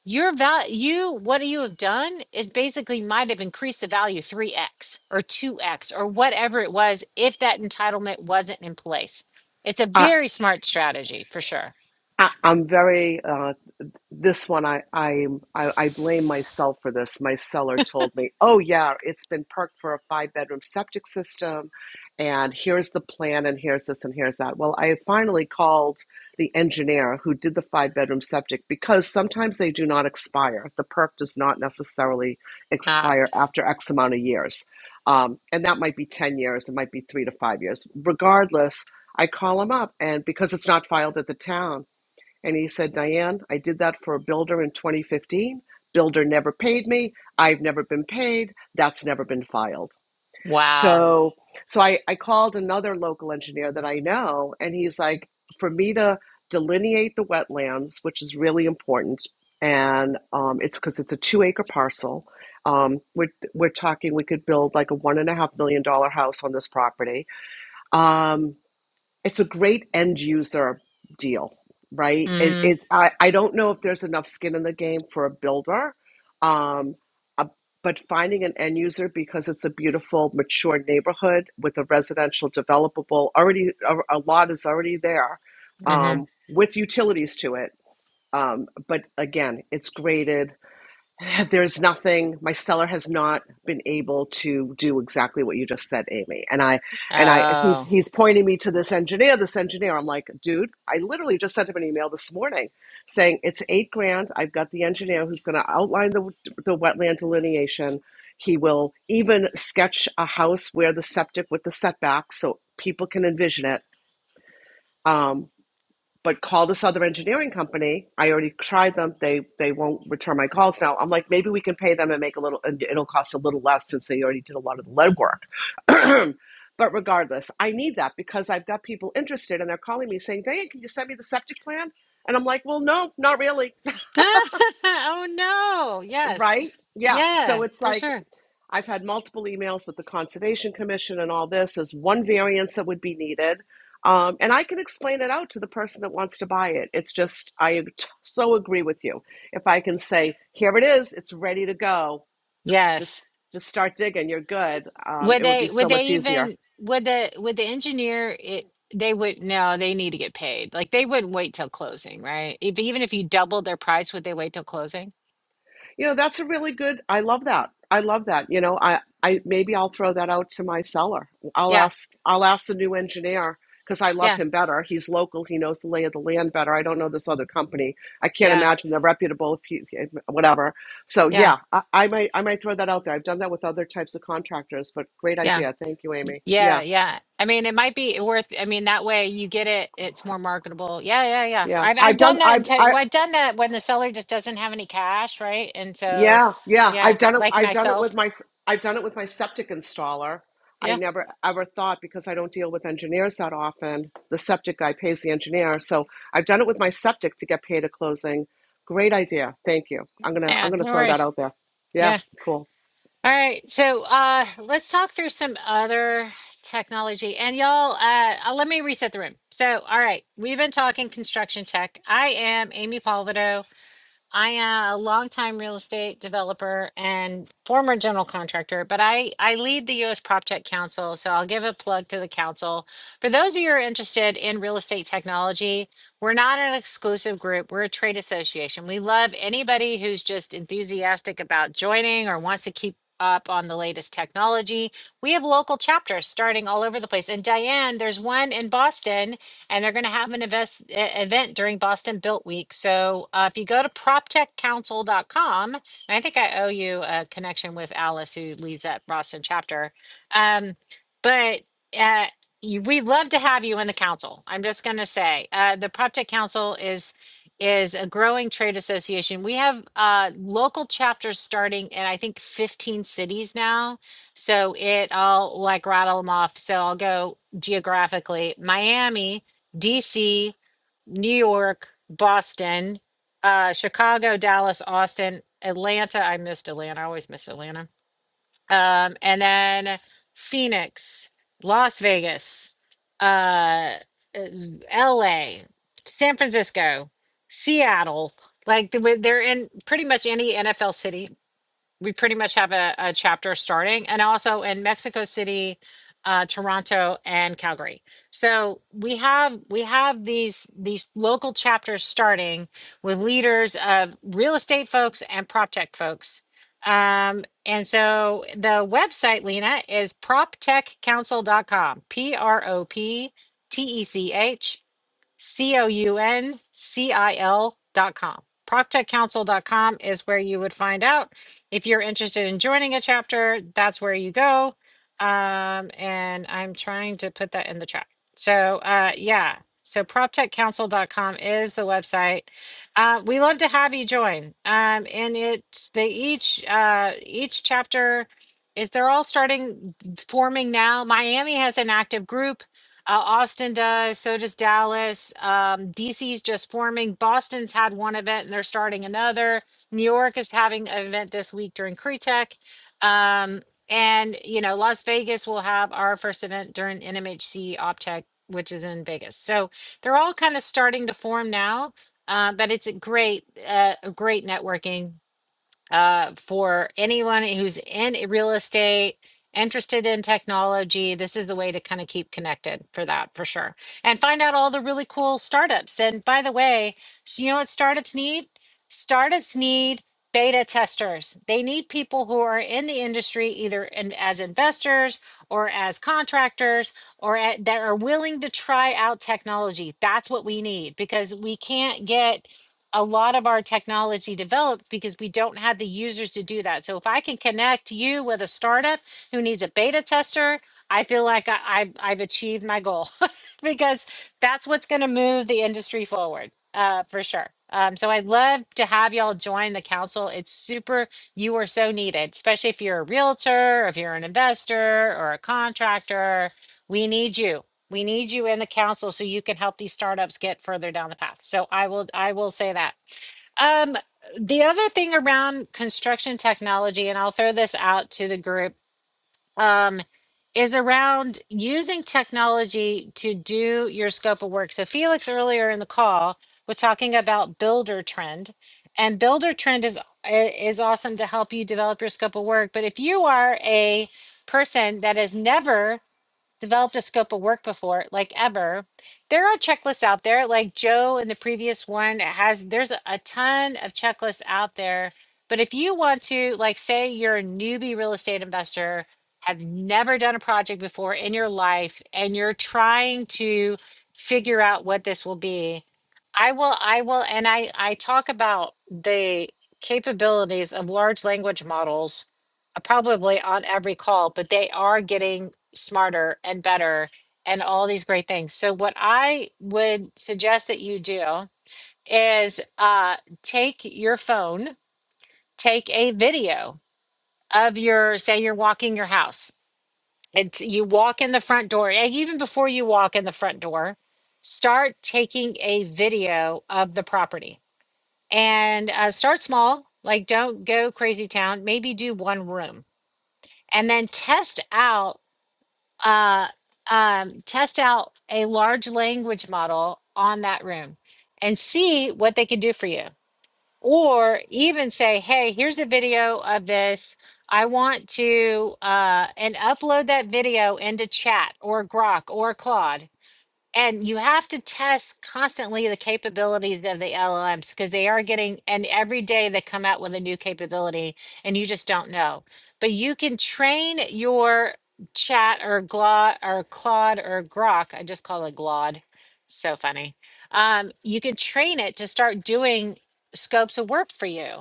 A: your value, you what you have done is basically might have increased the value 3x or 2x or whatever it was if that entitlement wasn't in place. It's a
F: I,
A: very smart strategy for sure.
F: I, I'm very uh, this one I, I I I blame myself for this. My seller told me, "Oh yeah, it's been perked for a five bedroom septic system, and here's the plan, and here's this, and here's that." Well, I finally called the engineer who did the five bedroom septic because sometimes they do not expire. The perk does not necessarily
A: Ah,
F: expire after X amount of years, um, and that might be ten years, it might be three to five years. Regardless, I call them up, and because it's not filed at the town. And he said, Diane, I did that for a builder in 2015. Builder never paid me. I've never been paid. That's never been filed.
A: wow.
F: So, so I, I called another local engineer that I know, and he's like, for me to delineate the wetlands, which is really important, and um, it's because it's a two acre parcel. Um, we're, we're talking, we could build like a one and a half million dollar house on this property. Um, it's a great end user deal, right? It,
A: Mm-hmm.
F: it I, I don't know if there's enough skin in the game for a builder, um, uh, but finding an end user because it's a beautiful, mature neighborhood with a residential developable already a, a lot is already there
A: Mm-hmm.
F: um, with utilities to it. Um, but again, it's graded [LAUGHS] There's nothing. My seller has not been able to do exactly what you just said, Amy. And I, and I, he's
A: Oh.
F: he's pointing me to this engineer. This engineer. I'm like, dude. I literally just sent him an email this morning, saying it's eight grand. I've got the engineer who's going to outline the the wetland delineation. He will even sketch a house where the septic with the setback, so people can envision it. Um, but call this other engineering company. I already tried them. They they won't return my calls now. I'm like, maybe we can pay them and make a little, and it'll cost a little less since they already did a lot of the lead work. [CLEARS THROAT] but regardless, I need that because I've got people interested and they're calling me saying, Diane, can you send me the septic plan? And I'm like, well, no, not really. [LAUGHS]
A: [LAUGHS] oh no. Yes.
F: Right? Yeah. So
A: Yeah,
F: it's
A: for
F: like,
A: sure.
F: I've had multiple emails with the Conservation Commission and all this. There's one variance that would be needed. Um, and I can explain it out to the person that wants to buy it. It's just, I so agree with you. If I can say, here it is, it's ready to go,
A: Yes.
F: just just start digging, you're good, um,
A: Would
F: it would be
A: they would
F: so
A: they
F: much easier.
A: even would the would the engineer it they would no, they need to get paid. Like they wouldn't wait till closing, right? If even if you doubled their price, would they wait till closing?
F: You know, that's a really good. I love that. I love that. You know, I I maybe I'll throw that out to my seller. I'll
A: Yeah,
F: ask I'll ask the new engineer because I love
A: yeah,
F: him better. He's local. He knows the lay of the land better. I don't know this other company. I can't
A: yeah,
F: imagine they're reputable. If he, whatever. So
A: yeah,
F: yeah, I, I might I might throw that out there. I've done that with other types of contractors, but great
A: yeah,
F: idea. Thank you,
A: y-
F: Amy.
A: yeah,
F: Yeah,
A: yeah. I mean, it might be worth, I mean, that way you get it, it's more marketable. Yeah, yeah, yeah.
F: yeah.
A: I've
F: I've
A: I've done
F: done.
A: that in
F: I've I,
A: tech, well, I've done that when the seller just doesn't have any cash, right? And so,
F: Yeah, yeah.
A: yeah,
F: I've done it.
A: like
F: I've done it
A: myself.
F: with my. s- I've done it with my septic installer. I
A: Yeah,
F: never ever thought because I don't deal with engineers that often. The septic guy pays the engineer, so I've done it with my septic to get paid at closing. Great idea. Thank you. I'm gonna. I'm
A: yeah,
F: gonna
A: no
F: throw that
A: worries.
F: out there. Yeah.
A: Yeah.
F: cool.
A: All right, so uh, let's talk through some other technology. And y'all, uh, uh, let me reset the room. So, all right, we've been talking construction tech. I am Amy Palvido. I am a longtime real estate developer and former general contractor, but I, I lead the US Prop Tech Council. So I'll give a plug to the council. For those of you who are interested in real estate technology, we're not an exclusive group, we're a trade association. We love anybody who's just enthusiastic about joining or wants to keep up on the latest technology. We have local chapters starting all over the place. And Diane, there's one in Boston and they're going to have an invest, e- event during Boston Built Week. So uh, if you go to proptechcouncil.com, and I think I owe you a connection with Alice, who leads that Boston chapter. Um, but uh, you, we'd love to have you in the council. I'm just going to say uh, the PropTech Council is is a growing trade association. We have uh, local chapters starting in I think 15 cities now. So it I'll like rattle them off. So I'll go geographically: Miami, DC, New York, Boston, uh, Chicago, Dallas, Austin, Atlanta. I missed Atlanta. I always miss Atlanta. Um, and then Phoenix, Las Vegas, uh, uh, LA, San Francisco, Seattle. Like the- they're in pretty much any NFL city we pretty much have a, a chapter starting and also in mexico city uh, toronto and calgary so we have we have these these local chapters starting with leaders of real estate folks and prop tech folks um, and so the website lena is prop tech council dot com p-r-o-p-t-e-c-h C O U N C I L dot com. proctech council dot com is where you would find out. If you're interested in joining a chapter, that's where you go. Um, and I'm trying to put that in the chat. So, uh, yeah. So, prop tech council dot com is the website. Uh, we love to have you join. Um, and it's they each uh, each chapter is they're all starting forming now. Miami has an active group uh, Austin does. So does Dallas. Um, DC's just forming. Boston's had one event and they're starting another. New York is having an event this week during CRETEC. Um, and, you know, Las Vegas will have our first event during NMHC OpTech, which is in Vegas. So they're all kind of starting to form now. Uh, but it's a great, uh, a great networking uh, for anyone who's in real estate, interested in technology, this is the way to kind of keep connected for that for sure. And find out all the really cool startups. And by the way, so you know what startups need? Startups need beta testers. They need people who are in the industry either in, as investors or as contractors or at, that are willing to try out technology. That's what we need because we can't get a lot of our technology developed because we don't have the users to do that. So if I can connect you with a startup who needs a beta tester, I feel like I, I've, I've achieved my goal [LAUGHS] because that's what's going to move the industry forward uh, for sure. Um, so I'd love to have y'all join the council. It's super, you are so needed, especially if you're a realtor, or if you're an investor or a contractor. We need you. We need you in the council so you can help these startups get further down the path. So I will I will say that. Um, the other thing around construction technology, and I'll throw this out to the group, um, is around using technology to do your scope of work. So Felix earlier in the call was talking about builder trend, and builder trend is is awesome to help you develop your scope of work. But if you are a person that has never developed a scope of work before, like ever. There are checklists out there, like Joe in the previous one has, there's a a ton of checklists out there. But if you want to, like, say you're a newbie real estate investor, have never done a project before in your life, and you're trying to figure out what this will be, I will, I will, and I, I talk about the capabilities of large language models uh, probably on every call, but they are getting smarter and better and all these great things. So, what I would suggest that you do is uh, take your phone, take a video of your, say, you're walking your house and t- you walk in the front door. And even before you walk in the front door, start taking a video of the property and uh, start small. Like, don't go crazy town. Maybe do one room and then test out uh, um, test out a large language model on that room and see what they can do for you. Or even say, hey, here's a video of this. I want to, uh, and upload that video into chat or Grok or Claude and you have to test constantly the capabilities of the LLMs because they are getting, and every day they come out with a new capability and you just don't know. But you can train your chat or Gla or Claude or Grok. I just call it Glod. So funny. Um, you can train it to start doing scopes of work for you.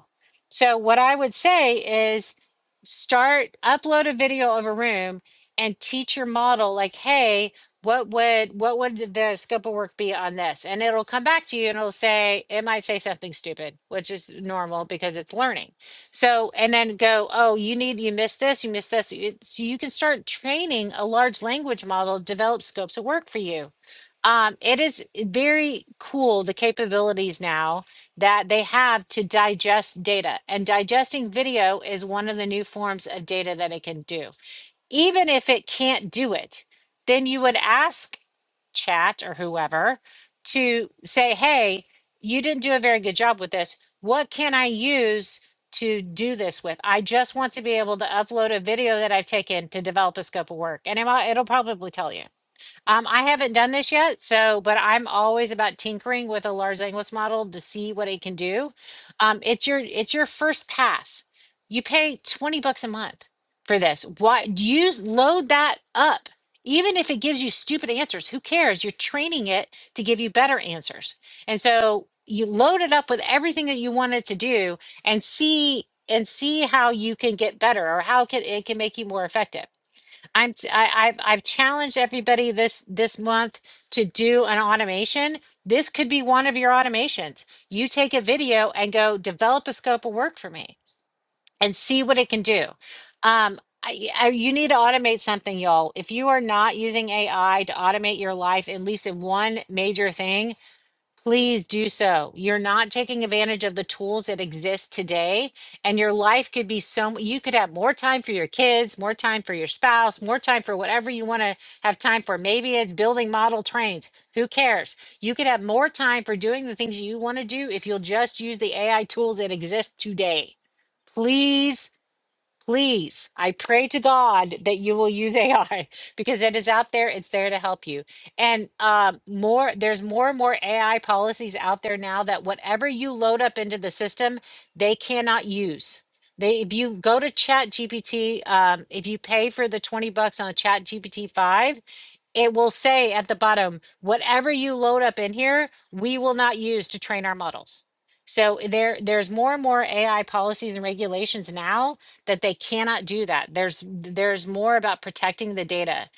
A: So what I would say is start upload a video of a room and teach your model like, hey, what would what would the scope of work be on this and it'll come back to you and it'll say it might say something stupid which is normal because it's learning so and then go oh you need you missed this you missed this it, so you can start training a large language model develop scopes of work for you um, it is very cool the capabilities now that they have to digest data and digesting video is one of the new forms of data that it can do even if it can't do it, then you would ask chat or whoever to say, hey, you didn't do a very good job with this. What can I use to do this with? I just want to be able to upload a video that I've taken to develop a scope of work. And it will probably tell you. Um, I haven't done this yet, so but I'm always about tinkering with a large language model to see what it can do. Um, it's your it's your first pass. You pay 20 bucks a month for this. Why use load that up? Even if it gives you stupid answers, who cares? You're training it to give you better answers. And so you load it up with everything that you want it to do and see and see how you can get better or how can it can make you more effective. I'm t- I, I've I've challenged everybody this this month to do an automation. This could be one of your automations. You take a video and go develop a scope of work for me and see what it can do. Um, I, I, you need to automate something, y'all. If you are not using AI to automate your life, at least in one major thing, Please do so. You're not taking advantage of the tools that exist today, and your life could be so you could have more time for your kids, more time for your spouse, more time for whatever you want to have time for. Maybe it's building model trains. Who cares? You could have more time for doing the things you want to do if you'll just use the AI tools that exist today. Please Please, I pray to God that you will use AI [LAUGHS] because it is out there. It's there to help you. And um, more, there's more and more AI policies out there now that whatever you load up into the system, they cannot use. They, if you go to Chat GPT, um, if you pay for the 20 bucks on a Chat GPT 5, it will say at the bottom, whatever you load up in here, we will not use to train our models. So there, there's more and more AI policies and regulations now that they cannot do that. There's there's more about protecting the data,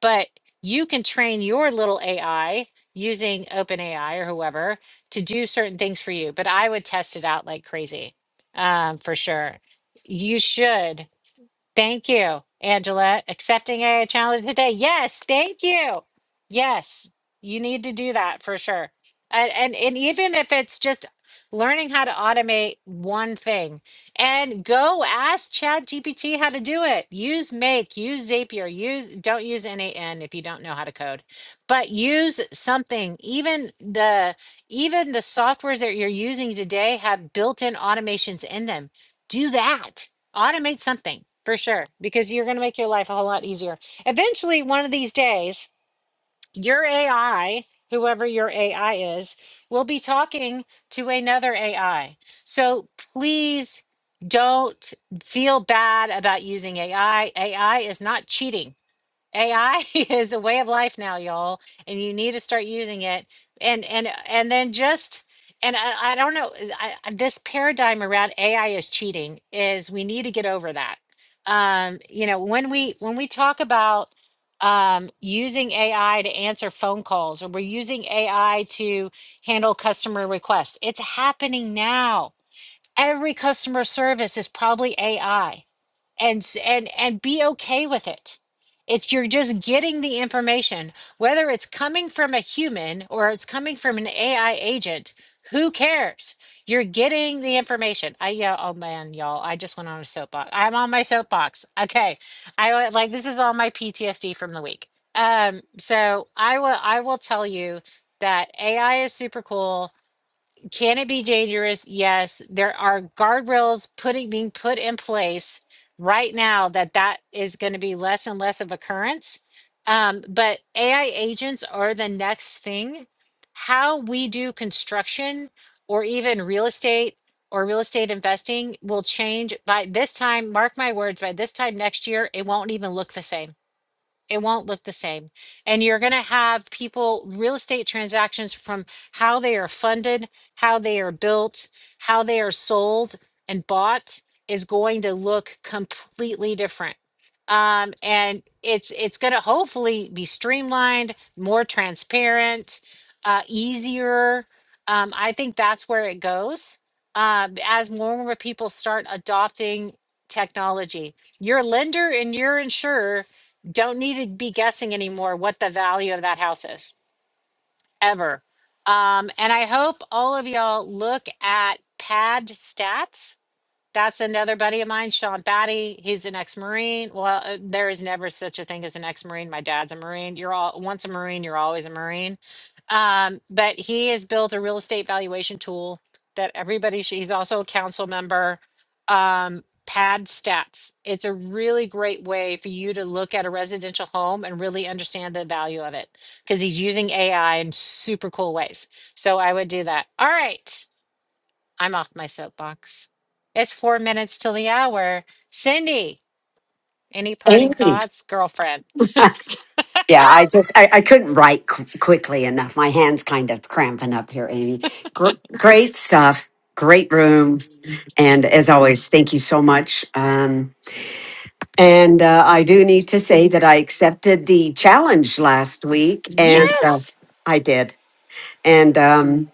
A: but you can train your little AI using OpenAI or whoever to do certain things for you. But I would test it out like crazy, um, for sure. You should. Thank you, Angela. Accepting a challenge today. Yes, thank you. Yes, you need to do that for sure. And, and and even if it's just learning how to automate one thing and go ask Chat GPT how to do it. Use make, use Zapier, use don't use NAN if you don't know how to code. But use something. Even the even the softwares that you're using today have built-in automations in them. Do that automate something for sure because you're going to make your life a whole lot easier. Eventually, one of these days, your AI, whoever your AI is, will be talking to another AI. So please don't feel bad about using AI. AI is not cheating. AI [LAUGHS] is a way of life now, y'all, and you need to start using it. And and uh, and then just and I, I don't know uh, I, I- this paradigm around AI is cheating is we need to get over that. Um, you know, when we when we talk about um, using AI to answer phone calls or we're using AI to handle customer requests, it's happening now. Every customer service is probably AI and s- and and be okay with it it's you're just getting the information whether it's coming from a human or it's coming from an ai agent who cares you're getting the information i yeah oh man y'all i just went on a soapbox i'm on my soapbox okay i wa- like this is all my ptsd from the week um so i will i will tell you that ai is super cool can it be dangerous? Yes, there are guardrails putting being put in place right now that that is going to be less and less of occurrence. Um, but AI agents are the next thing. How we do construction or even real estate or real estate investing will change by this time. Mark my words, by this time next year, it won't even look the same it won't look the same. And you're going to have people, real estate transactions from how they are funded, how they are built, how they are sold and bought is going to look completely different. Um, and it's it's going to hopefully be streamlined, more transparent, uh, easier. Um, I think that's where it goes uh, as more and more people start adopting technology. Your lender and your insurer don't need to be guessing anymore what the value of that house is ever. Um, and I hope all of y'all look at pad stats that's another buddy of mine, Sean Batty. He's an ex-Marine. Well, uh, there is never such a thing as an ex-Marine. My dad's a Marine. You're all once a Marine, you're always a Marine. Um, but he has built a real estate valuation tool that everybody should, he's also a council member. Um, Pad Stats. It's a really great way for you to look at a residential home and really understand the value of it because he's using AI in super cool ways. So I would do that. All right. I'm off my soapbox. It's four minutes till the hour. Cindy, any parting
B: Amy.
A: thoughts, girlfriend?
B: Yeah, I just I, I couldn't write qu- quickly enough. My hands kind of cramping up here, Amy. Gr- great stuff, great room, and as always, thank you so much. Um, and uh, I do need to say that I accepted the challenge last week, and uh,
A: Yes.
B: I did. And um,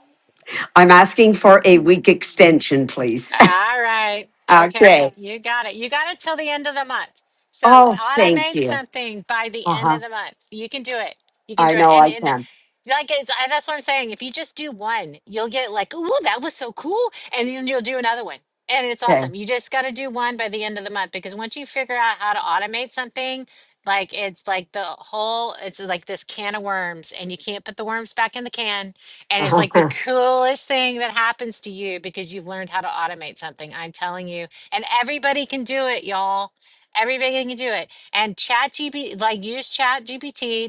B: I'm asking for a week extension, please.
A: All right.
B: [LAUGHS] okay.
A: Okay. You got it. You got it till the end of the month. So
B: Oh, thank
A: automate
B: you.
A: something by the
B: Uh
A: end
B: huh.
A: of the month. You can do it. You can
B: I
A: do it.
B: know
A: And,
B: I
A: and
B: can.
A: like it's, I- that's what I'm saying. If you just do one, you'll get like, ooh, that was so cool. And then you'll do another one. And it's
B: Okay.
A: awesome. You just got to do one by the end of the month because once you figure out how to automate something, like it's like the whole, it's like this can of worms and you can't put the worms back in the can
B: [LAUGHS]
A: and it's like the
B: I
A: coolest thing that happens to you because you've learned how to automate something. I'm telling you. And everybody can do it, y'all. Everybody can do it. And ChatGPT, like use ChatGPT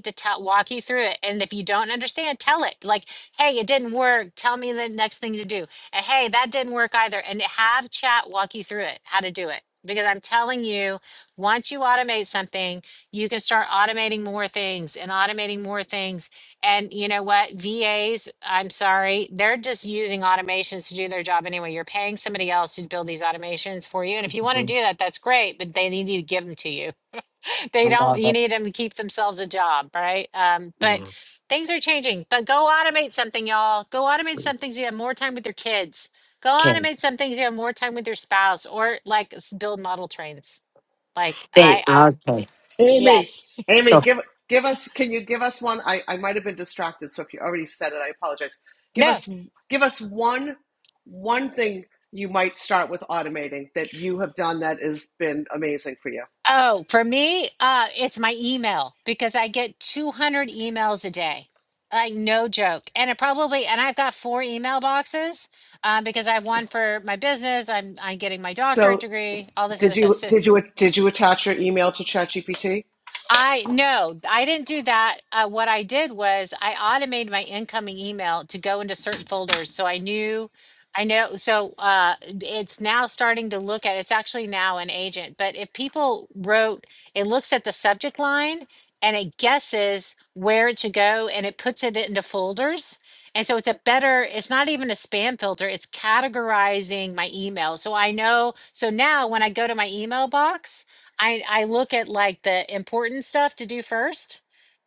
A: to tell, walk you through it. And if you don't understand, tell it like, hey, it didn't work. Tell me the next thing to do. And hey, that didn't work either. And have chat walk you through it, how to do it. Because I'm telling you, once you automate something, you can start automating more things and automating more things and you know what? VAs, I'm sorry, they're just using automations to do their job anyway. You're paying somebody else to build these automations for you. And if you want to do that, that's great, but they need to give them to you. [LAUGHS] They don't,
B: love
A: you
B: it.
A: need them to keep themselves a job, right? Um, but
B: Yeah.
A: things are changing. But go automate something, y'all. Go automate some things you have more time with your kids. Go
B: Okay.
A: automate some things you have more time with your spouse or like s- build model trains. Like
B: Bam.
A: I, I,
B: Okay.
F: Amy,
A: yes. [LAUGHS]
F: Amy,
B: So
F: give give us. Can you give us one? I I might have been distracted, so if you already said it, I apologize. Give
A: No.
F: us give us one one thing you might start with automating that you have done that has been amazing for you.
A: Oh, for me, uh, it's my email because I get 200 emails a day. Like, no joke. And it probably, and I've got four email boxes um, because I have
F: S-
A: one for my business. I'm, I'm getting my doctorate
F: So
A: degree, all this other
F: did
A: stuff.
F: you
A: So
F: did you did you attach your email to ChatGPT?
A: I no, I didn't do that. Uh, what I did was I automated my incoming email to go into certain folders, so I knew, I know. So uh, it's now starting to look at. It's actually now an agent, but if people wrote, it looks at the subject line and it guesses where it should go, and it puts it into folders. And so it's a better. It's not even a spam filter. It's categorizing my email, so I know. So now when I go to my email box I I look at like the important stuff to do first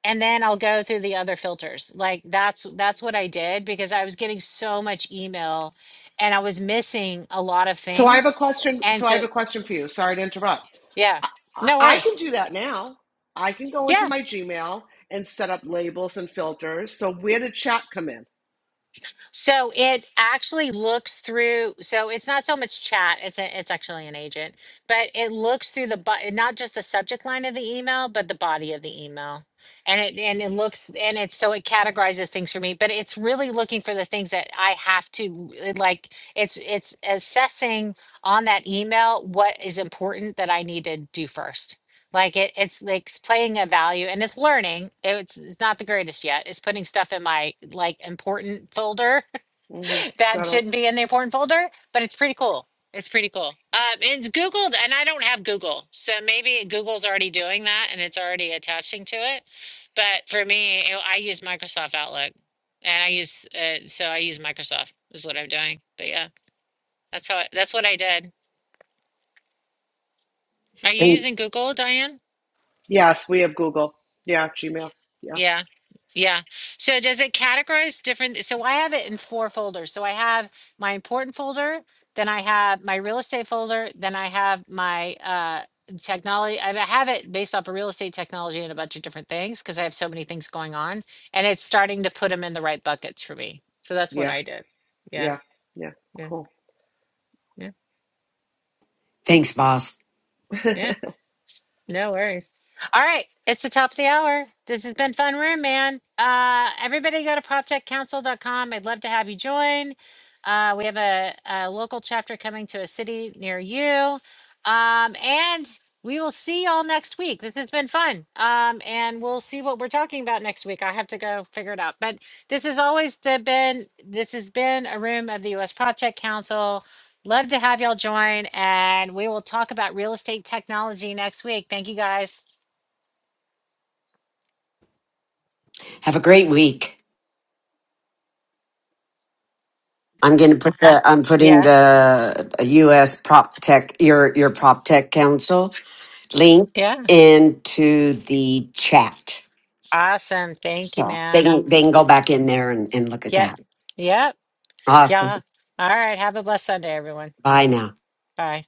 A: and then I'll go through the other filters. Like that's that's what I did because I was getting so much email and I was missing a lot of
F: So I have a
A: things.
F: question.
A: And
F: So I have
A: so
F: a question for you. Sorry to interrupt.
A: yeah.
F: I, I
A: No
F: I
A: worries.
F: can do that now. I can go
A: Yeah.
F: into my Gmail and set up labels and filters. So where did chat come in?
A: So it actually looks through. So it's not so much chat. It's a, it's actually an agent, but it looks through the bu- not just the subject line of the email, but the body of the email, and it and it looks and it's so it categorizes things for me. But it's really looking for the things that I have to it like. It's it's assessing on that email what is important that I need to do first. Like it, it's like s- playing a value and it's learning. It's, it's not the greatest yet. It's putting stuff in my like important folder
F: hmm
A: that
F: Got it.
A: shouldn't be in the important folder, but it's pretty cool. It's pretty cool. Um, it's Googled, and I don't have Google, so maybe Google's already doing that and it's already attaching to it. But for me, it, I use Microsoft Outlook, and I use uh, so I use Microsoft is what I'm doing. But yeah, that's how I, that's what I did. Are you
B: thank,
A: using Google, Diane?
F: Yes, we have Google. Yeah, Gmail. Yeah,
A: Yeah. Yeah. So does it categorize different? So I have it in four folders. So I have my important folder, then I have my real estate folder, then I have my uh technology. I have it based off of real estate technology and a bunch of different things because I have so many things going on and it's starting to put them in the right buckets for me. So that's what
F: yeah,
A: I did. Yeah.
F: yeah, yeah.
A: Yeah.
F: Cool.
A: Yeah.
B: thanks, boss.
A: Yeah. No worries. All right, it's the top of the hour. This has been fun room, man. Uh, everybody go to prop tech council dot com. I'd love to have you join. Uh, we have a, a local chapter coming to a city near you. Um, and we will see y'all next week. This has been fun. Um, and we'll see what we're talking about next week. I have to go figure it out. But this has always the, been, this has been a room of the U.S. PropTech Council. Love to have y'all join, and we will talk about real estate technology next week. Thank you guys.
B: Have a great week. I'm gonna put the I'm putting
A: Yeah,
B: the U.S. prop tech your your prop tech council link
A: yeah.
B: into the chat,
A: Awesome. Thank you,
B: so they
A: ma'am.
B: can they can go back in there and, and look at that.
A: Yep, yep.
B: Awesome.
A: Yeah. All right. Have a blessed Sunday, everyone.
B: Bye now.
A: Bye.